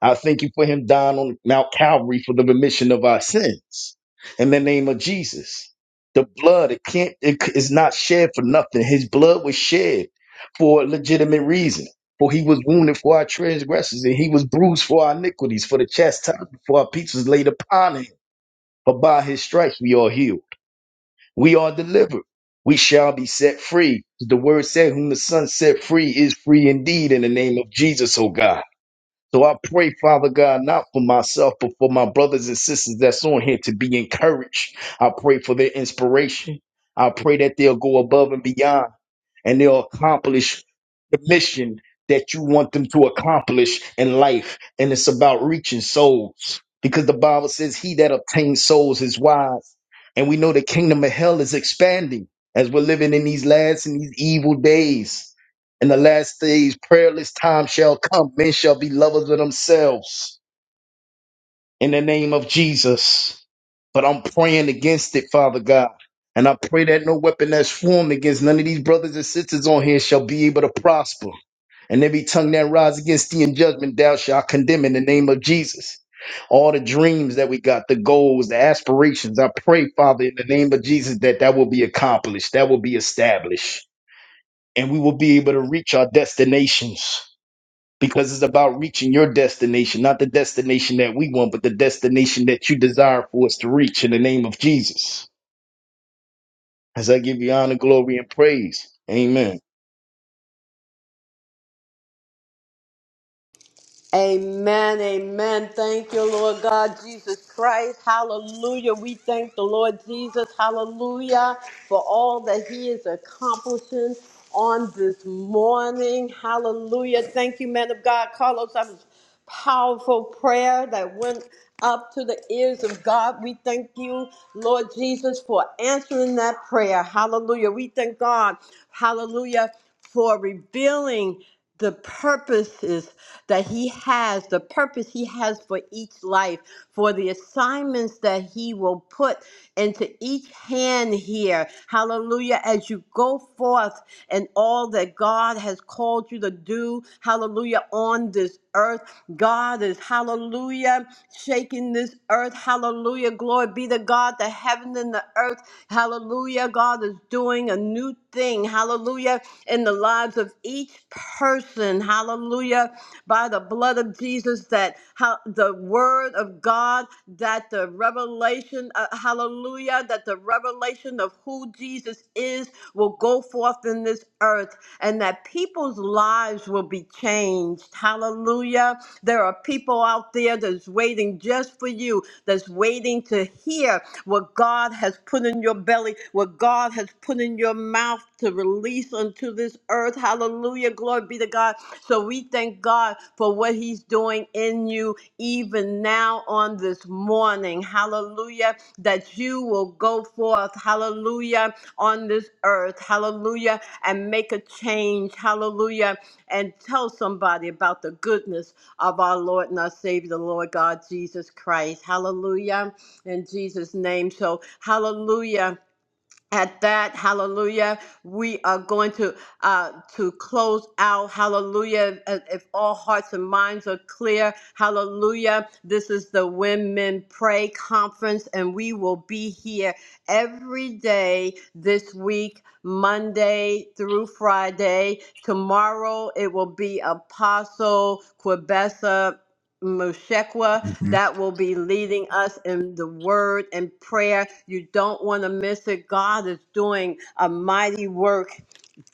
G: I thank you for him dying on Mount Calvary for the remission of our sins. In the name of Jesus. The blood, it can't, it is not shed for nothing. His blood was shed for a legitimate reason. For he was wounded for our transgressions, and he was bruised for our iniquities, for the chastisement for our peace was laid upon him. But by his stripes we are healed. We are delivered. We shall be set free. The word said, Whom the Son set free is free indeed in the name of Jesus, O God. So I pray, Father God, not for myself, but for my brothers and sisters that's on here to be encouraged. I pray for their inspiration. I pray that they'll go above and beyond and they'll accomplish the mission that you want them to accomplish in life. And it's about reaching souls because the Bible says, He that obtains souls is wise. And we know the kingdom of hell is expanding as we're living in these last and these evil days. In the last days, prayerless time shall come. Men shall be lovers of themselves in the name of Jesus. But I'm praying against it, Father God. And I pray that no weapon that's formed against none of these brothers and sisters on here shall be able to prosper. And every tongue that rises against thee in judgment, thou shalt condemn in the name of Jesus. All the dreams that we got, the goals, the aspirations, I pray, Father, in the name of Jesus, that that will be accomplished, that will be established, and we will be able to reach our destinations because it's about reaching your destination, not the destination that we want, but the destination that you desire for us to reach in the name of Jesus. As I give you honor, glory, and praise. Amen.
A: Amen, amen. Thank you, Lord God, Jesus Christ. Hallelujah. We thank the Lord Jesus, hallelujah, for all that he is accomplishing on this morning. Hallelujah. Thank you, man of God. Carlos, that was powerful prayer that went up to the ears of God. We thank you, Lord Jesus, for answering that prayer. Hallelujah. We thank God, hallelujah, for revealing the purposes that He has, the purpose He has for each life, for the assignments that He will put into each hand here. Hallelujah. As you go forth and all that God has called you to do, hallelujah, on this earth. God is, hallelujah, shaking this earth. Hallelujah. Glory be to God, the heaven and the earth. Hallelujah. God is doing a new thing. Hallelujah. In the lives of each person. Hallelujah by the blood of Jesus, that how the word of God, that the revelation, uh, hallelujah, that the revelation of who Jesus is will go forth in this earth and that people's lives will be changed. Hallelujah. There are people out there that's waiting just for you, that's waiting to hear what God has put in your belly, what God has put in your mouth to release unto this earth. Hallelujah. Glory be to God. So we thank God for what He's doing in you even now on this morning. Hallelujah. That you will go forth, hallelujah, on this earth, hallelujah, and make a change, hallelujah, and tell somebody about the goodness of our Lord and our Savior, the Lord God Jesus Christ. Hallelujah. In Jesus' name. So, hallelujah at that hallelujah we are going to uh to close out hallelujah uh, if all hearts and minds are clear hallelujah this is the women pray conference and we will be here every day this week monday through friday tomorrow it will be apostle quebessa
H: Mhm.
A: that will be leading us in the word and prayer. You don't want to miss it. God is doing a mighty work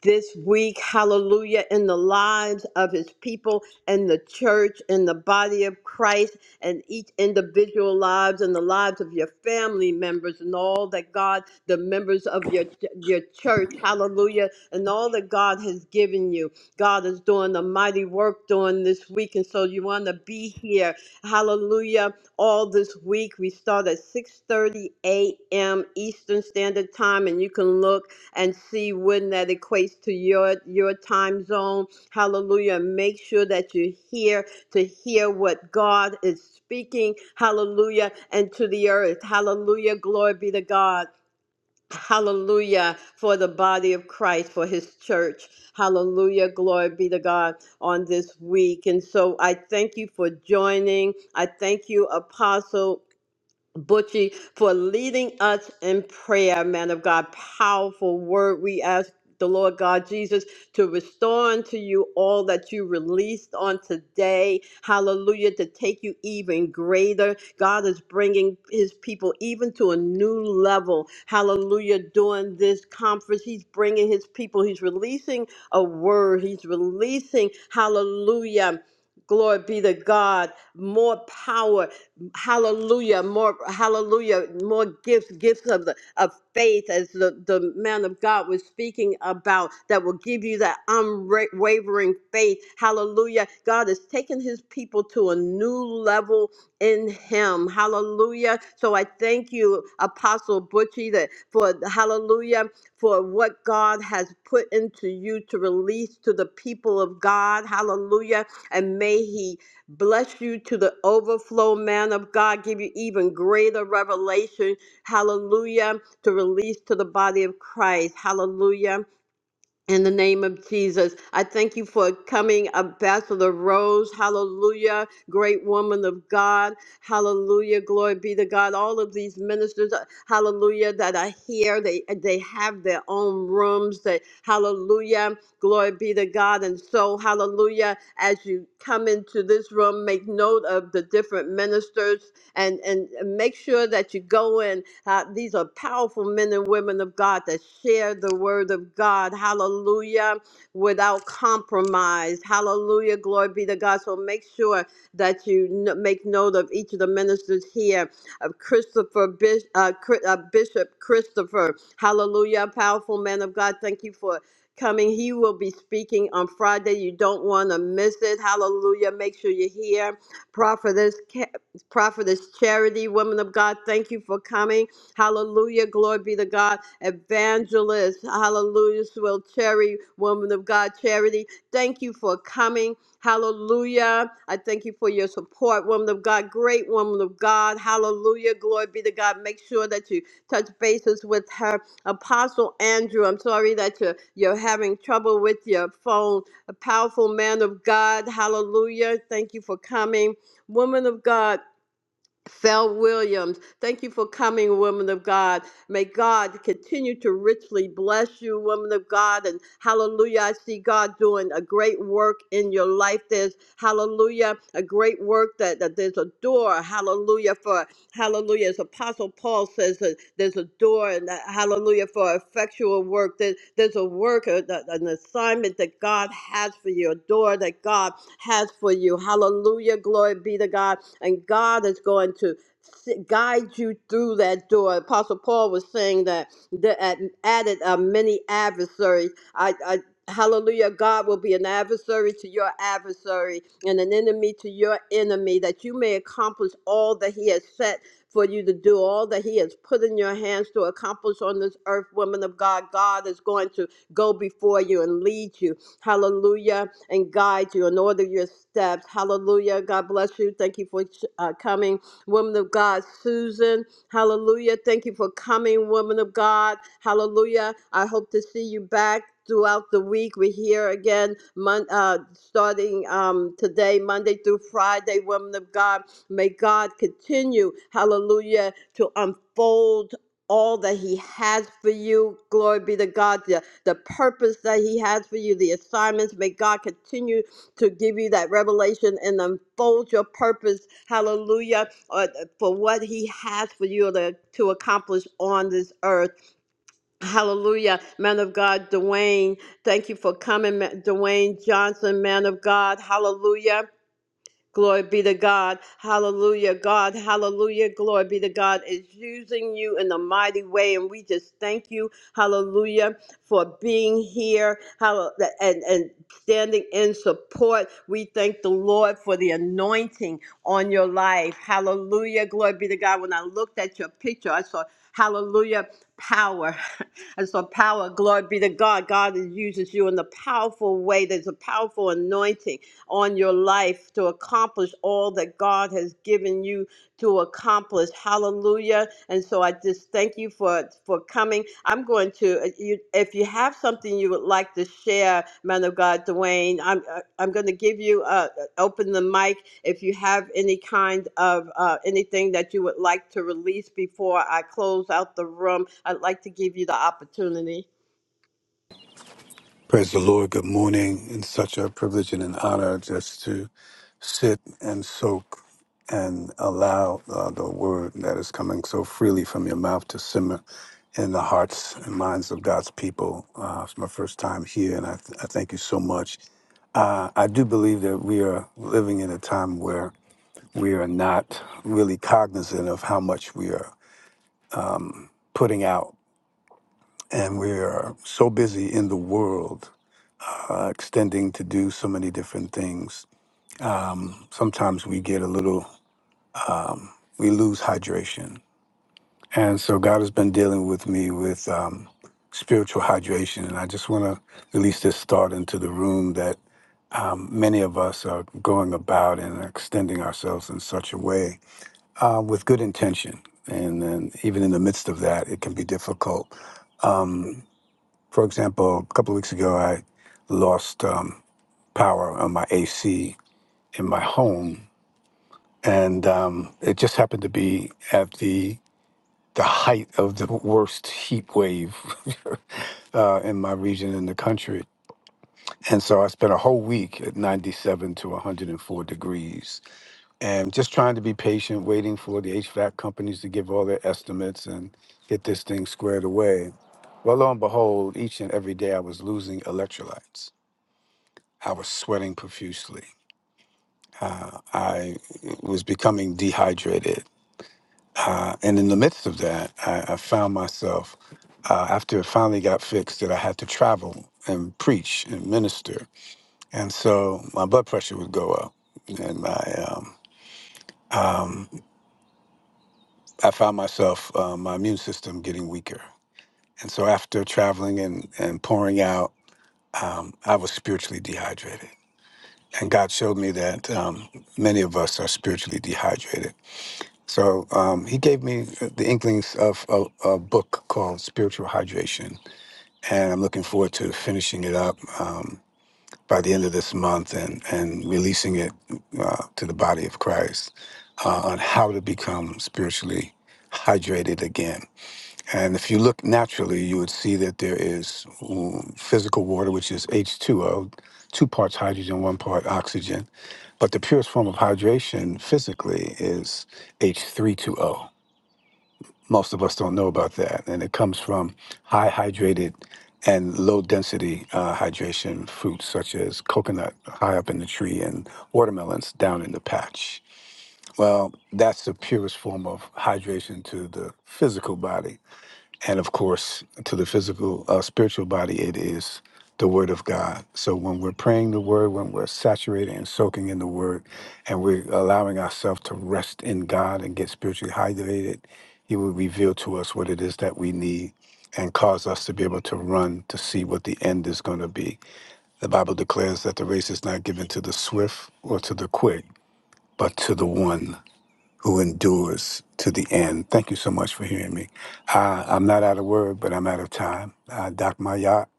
A: this week, hallelujah, in the lives of his people and the church and the body of Christ and each individual lives and the lives of your family members and all that God, the members of your your church, hallelujah, and all that God has given you. God is doing a mighty work during this week. And so you want to be here, hallelujah, all this week. We start at 6:30 a.m. Eastern Standard Time, and you can look and see when that equates to your your time zone. Hallelujah. Make sure that you're here to hear what God is speaking. Hallelujah. And to the earth. Hallelujah. Glory be to God. Hallelujah for the body of Christ, for his church. Hallelujah. Glory be to God on this week. And so I thank you for joining. I thank you, Apostle Butchie for leading us in prayer, man of God. Powerful word. We ask the Lord God Jesus to restore unto you all that you released on today. Hallelujah. To take you even greater. God is bringing his people even to a new level. Hallelujah. During this conference, he's bringing his people. He's releasing a word. He's releasing, hallelujah. Glory be to God. More power hallelujah more hallelujah more gifts gifts of the of faith as the, the man of god was speaking about that will give you that unwavering faith hallelujah god is taking his people to a new level in him hallelujah so i thank you apostle butchie that for hallelujah for what god has put into you to release to the people of god hallelujah and may he Bless you to the overflow, man of God. Give you even greater revelation. Hallelujah. To release to the body of Christ. Hallelujah. In the name of Jesus, I thank you for coming, Ambassador Rose. Hallelujah. Great woman of God. Hallelujah. Glory be to God. All of these ministers, uh, hallelujah, that are here, they, uh, they have their own rooms. They, hallelujah. Glory be to God. And so, hallelujah, as you come into this room, make note of the different ministers and and make sure that you go in. Uh, these are powerful men and women of God that share the word of God. Hallelujah, without compromise. Hallelujah, glory be to God. So make sure that you n- make note of each of the ministers here. Of Christopher Bis- uh, Chri- uh, Bishop Christopher, Hallelujah, powerful man of God. Thank you for coming. He will be speaking on Friday. You don't want to miss it. Hallelujah. Make sure you're here. Prophetess prophetess Charity, woman of God, thank you for coming. Hallelujah. Glory be to God. Evangelist, hallelujah. Swill Cherry, woman of God, Charity, thank you for coming. Hallelujah. I thank you for your support, woman of God, great woman of God. Hallelujah. Glory be to God. Make sure that you touch bases with her. Apostle Andrew, I'm sorry that you're, you're having trouble with your phone. A powerful man of God. Hallelujah. Thank you for coming. Woman of God. Fel Williams, thank you for coming, woman of God. May God continue to richly bless you, woman of God. And hallelujah, I see God doing a great work in your life. There's, hallelujah, a great work that, that there's a door, hallelujah, for Hallelujah. As Apostle Paul says, that there's a door, and that, hallelujah, for effectual work. There, there's a work, a- a- an assignment that God has for you, a door that God has for you. Hallelujah. Glory be to God. And God is going to s- guide you through that door. Apostle Paul was saying that the, at, added uh, many adversaries. I, I Hallelujah. God will be an adversary to your adversary and an enemy to your enemy that you may accomplish all that he has set for you to do all that He has put in your hands to accomplish on this earth, women of God. God is going to go before you and lead you. Hallelujah. And guide you and order your steps. Hallelujah. God bless you. Thank you for uh, coming, woman of God. Susan, hallelujah. Thank you for coming, woman of God. Hallelujah. I hope to see you back. Throughout the week, we're here again, mon- uh, starting um, today, Monday through Friday, women of God. May God continue, hallelujah, to unfold all that He has for you. Glory be to God, the, the purpose that He has for you, the assignments. May God continue to give you that revelation and unfold your purpose, hallelujah, uh, for what He has for you to, to accomplish on this earth. Hallelujah. Man of God, Dwayne, thank you for coming, Ma- Dwayne Johnson, man of God. Hallelujah. Glory be to God. Hallelujah. God, hallelujah. Glory be to God is using you in a mighty way. And we just thank you, hallelujah, for being here hall- and, and standing in support. We thank the Lord for the anointing on your life. Hallelujah. Glory be to God. When I looked at your picture, I saw, hallelujah, power. <laughs> I saw power, glory be to God. God uses you in a powerful way. There's a powerful anointing on your life to accomplish all that God has given you to accomplish. Hallelujah. And so I just thank you for, for coming. I'm going to, uh, you, if you have something you would like to share, man of God, Dwayne, I'm, uh, I'm going to give you, uh, uh, open the mic if you have any kind of uh, anything that you would like to release before I close out the room. I'd like to give you the opportunity.
I: Praise the Lord. Good morning. It's such a privilege and an honor just to sit and soak and allow uh, the word that is coming so freely from your mouth to simmer in the hearts and minds of God's people. Uh, it's my first time here, and I, th- I thank you so much. Uh, I do believe that we are living in a time where we are not really cognizant of how much we are putting out, and we are so busy in the world uh, extending to do so many different things. Sometimes we get a little, we lose hydration. And so God has been dealing with me with um, spiritual hydration. And I just want to release this thought into the room that um, many of us are going about and extending ourselves in such a way uh, with good intention. And then, even in the midst of that, it can be difficult. For example, a couple of weeks ago, I lost um, power on my AC in my home and um, it just happened to be at the the height of the worst heat wave <laughs> uh, in my region in the country. And so I spent a whole week at 97 to 104 degrees and just trying to be patient, waiting for the HVAC companies to give all their estimates and get this thing squared away. Well, lo and behold, each and every day I was losing electrolytes. I was sweating profusely. Uh, I was becoming dehydrated Uh, and in the midst of that, I, I found myself, uh, after it finally got fixed, that I had to travel and preach and minister. And so my blood pressure would go up. And my, um, um, I found myself, uh, my immune system getting weaker. And so after traveling and, and pouring out, um, I was spiritually dehydrated. And God showed me that um, many of us are spiritually dehydrated. So um, he gave me the inklings of a, a book called Spiritual Hydration and I'm looking forward to finishing it up um, by the end of this month and and releasing it uh, to the body of Christ uh, on how to become spiritually hydrated again. And if you look naturally, you would see that there is mm, physical water, which is H2O, two O, two parts hydrogen, one part oxygen. But the purest form of hydration physically is h 320 most of us don't know about that. And it comes from high hydrated and low density uh, hydration fruits, such as coconut high up in the tree and watermelons down in the patch. Well, that's the purest form of hydration to the physical body and of course to the physical uh, spiritual body it is the word of god so when we're praying the word when we're saturated and soaking in the word and we're allowing ourselves to rest in god and get spiritually hydrated he will reveal to us what it is that we need and cause us to be able to run to see what the end is going to be the bible declares that the race is not given to the swift or to the quick but to the one who endures to the end. Thank you so much for hearing me. Uh, I'm not out of word, but I'm out of time. I dock my yacht.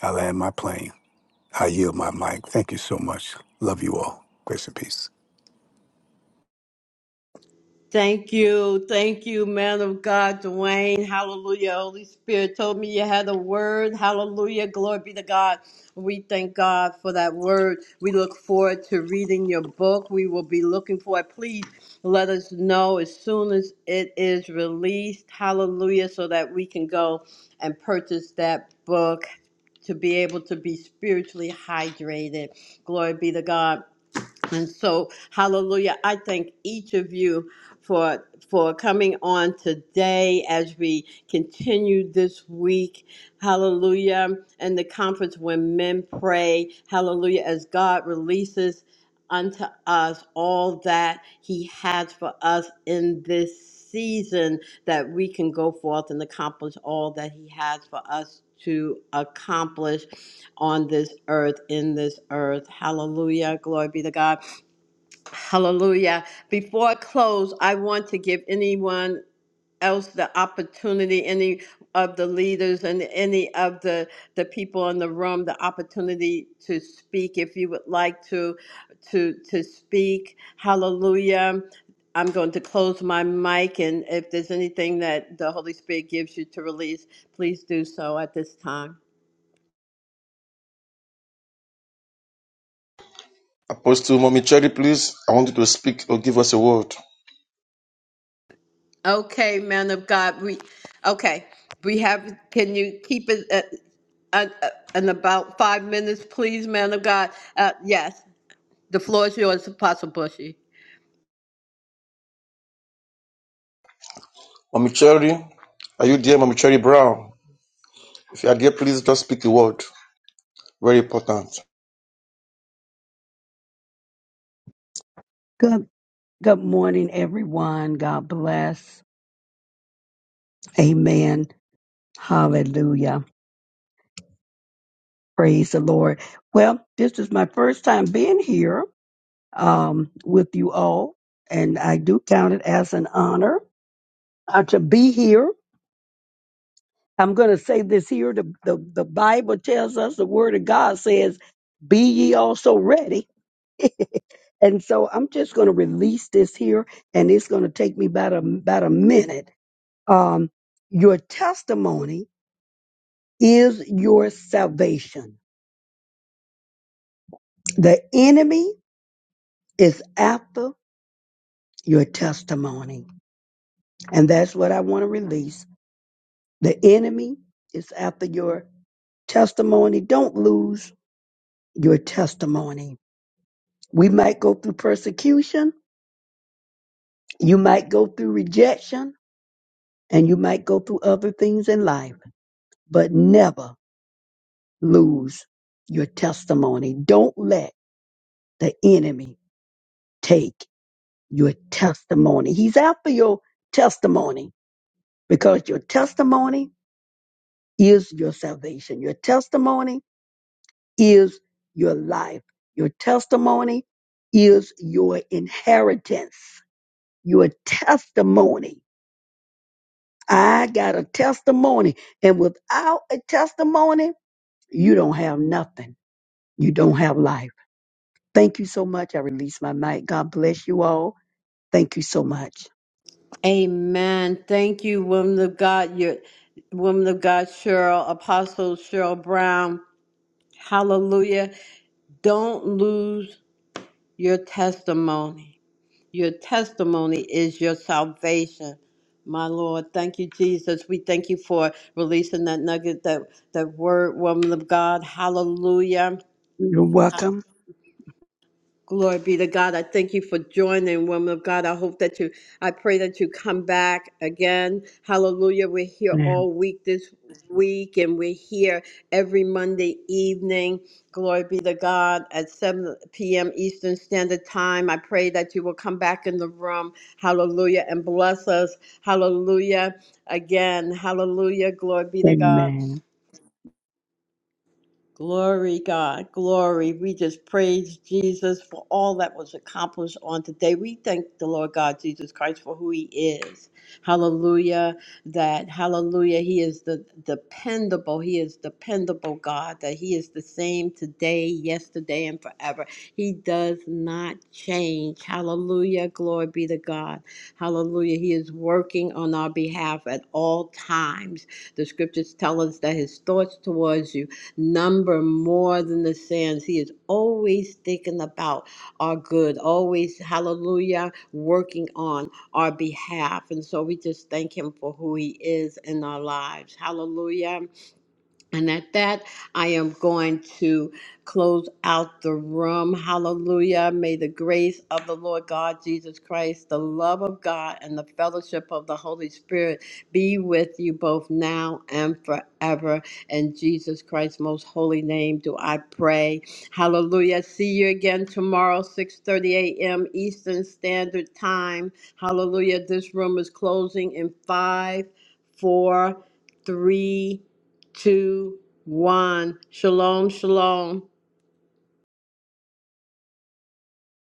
I: I land my plane. I yield my mic. Thank you so much. Love you all. Grace and peace.
A: Thank you. Thank you, man of God, Dwayne. Hallelujah. Holy Spirit told me you had a word. Hallelujah. Glory be to God. We thank God for that word. We look forward to reading your book. We will be looking for it. Please let us know as soon as it is released. Hallelujah. So that we can go and purchase that book to be able to be spiritually hydrated. Glory be to God. And so, hallelujah, I thank each of you for for coming on today as we continue this week. Hallelujah. And the conference when men pray, hallelujah, as God releases unto us all that he has for us in this season that we can go forth and accomplish all that he has for us to accomplish on this earth in this earth hallelujah glory be to god Hallelujah. Before I close, I want to give anyone else the opportunity, any of the leaders and any of the, the people in the room, the opportunity to speak if you would like to to to speak. Hallelujah. I'm going to close my mic and if there's anything that the Holy Spirit gives you to release, please do so at this time.
B: Apostle Mommy Cherry, please, I want you to speak or give us a word.
A: Okay, man of God, we, okay, we have, can you keep it at, at, at- in about five minutes, please, man of God? Uh, yes, the floor is yours, Apostle Bushy.
B: Mommy Cherry, are you there, Mommy Cherry Brown? If you are there, please just speak a word. Very important.
J: Good, good morning, everyone. God bless. Amen. Hallelujah. Praise the Lord. Well, this is my first time being here um, with you all, and I do count it as an honor uh, to be here. I'm going to say this here. The, the, the Bible tells us, the Word of God says, Be ye also ready. <laughs> and so I'm just going to release this here, and it's going to take me about a, about a minute. Um, your testimony is your salvation. The enemy is after your testimony. And that's what I want to release. The enemy is after your testimony. Don't lose your testimony. We might go through persecution, you might go through rejection, and you might go through other things in life, but never lose your testimony. Don't let the enemy take your testimony. He's after your testimony because your testimony is your salvation. Your testimony is your life. Your testimony is your inheritance. Your testimony. I got a testimony. And without a testimony, you don't have nothing. You don't have life. Thank you so much. I release my mic. God bless you all. Thank you so much.
A: Amen. Thank you, woman of God, your woman of God, Cheryl, Apostle Cheryl Brown. Hallelujah. Don't lose your testimony. Your testimony is your salvation. My Lord, thank you, Jesus. We thank you for releasing that nugget, that, that word, woman of God. Hallelujah.
J: You're welcome.
A: Glory be to God. I thank you for joining, woman of God. I hope that you, I pray that you come back again. Hallelujah. We're here all week this week, and we're here every Monday evening. Glory be to God at 7 p.m. Eastern Standard Time. I pray that you will come back in the room. Hallelujah. And bless us. Hallelujah. Again. Hallelujah. Glory be to God.
J: Amen.
A: Glory, God, glory. We just praise Jesus for all that was accomplished on today. We thank the Lord God Jesus Christ for who He is. Hallelujah. That, hallelujah, He is the dependable, He is dependable God, that He is the same today, yesterday, and forever. He does not change. Hallelujah. Glory be to God. Hallelujah. He is working on our behalf at all times. The scriptures tell us that His thoughts towards you number more than the sands. He is always thinking about our good, always, hallelujah, working on our behalf. And so we just thank him for who he is in our lives. Hallelujah. And at that, I am going to close out the room. Hallelujah. May the grace of the Lord God Jesus Christ, the love of God, and the fellowship of the Holy Spirit be with you both now and forever. In Jesus Christ's most holy name do I pray. Hallelujah. See you again tomorrow, 6.30 a.m. Eastern Standard Time. Hallelujah. This room is closing in five, four, three two, one. Shalom, shalom.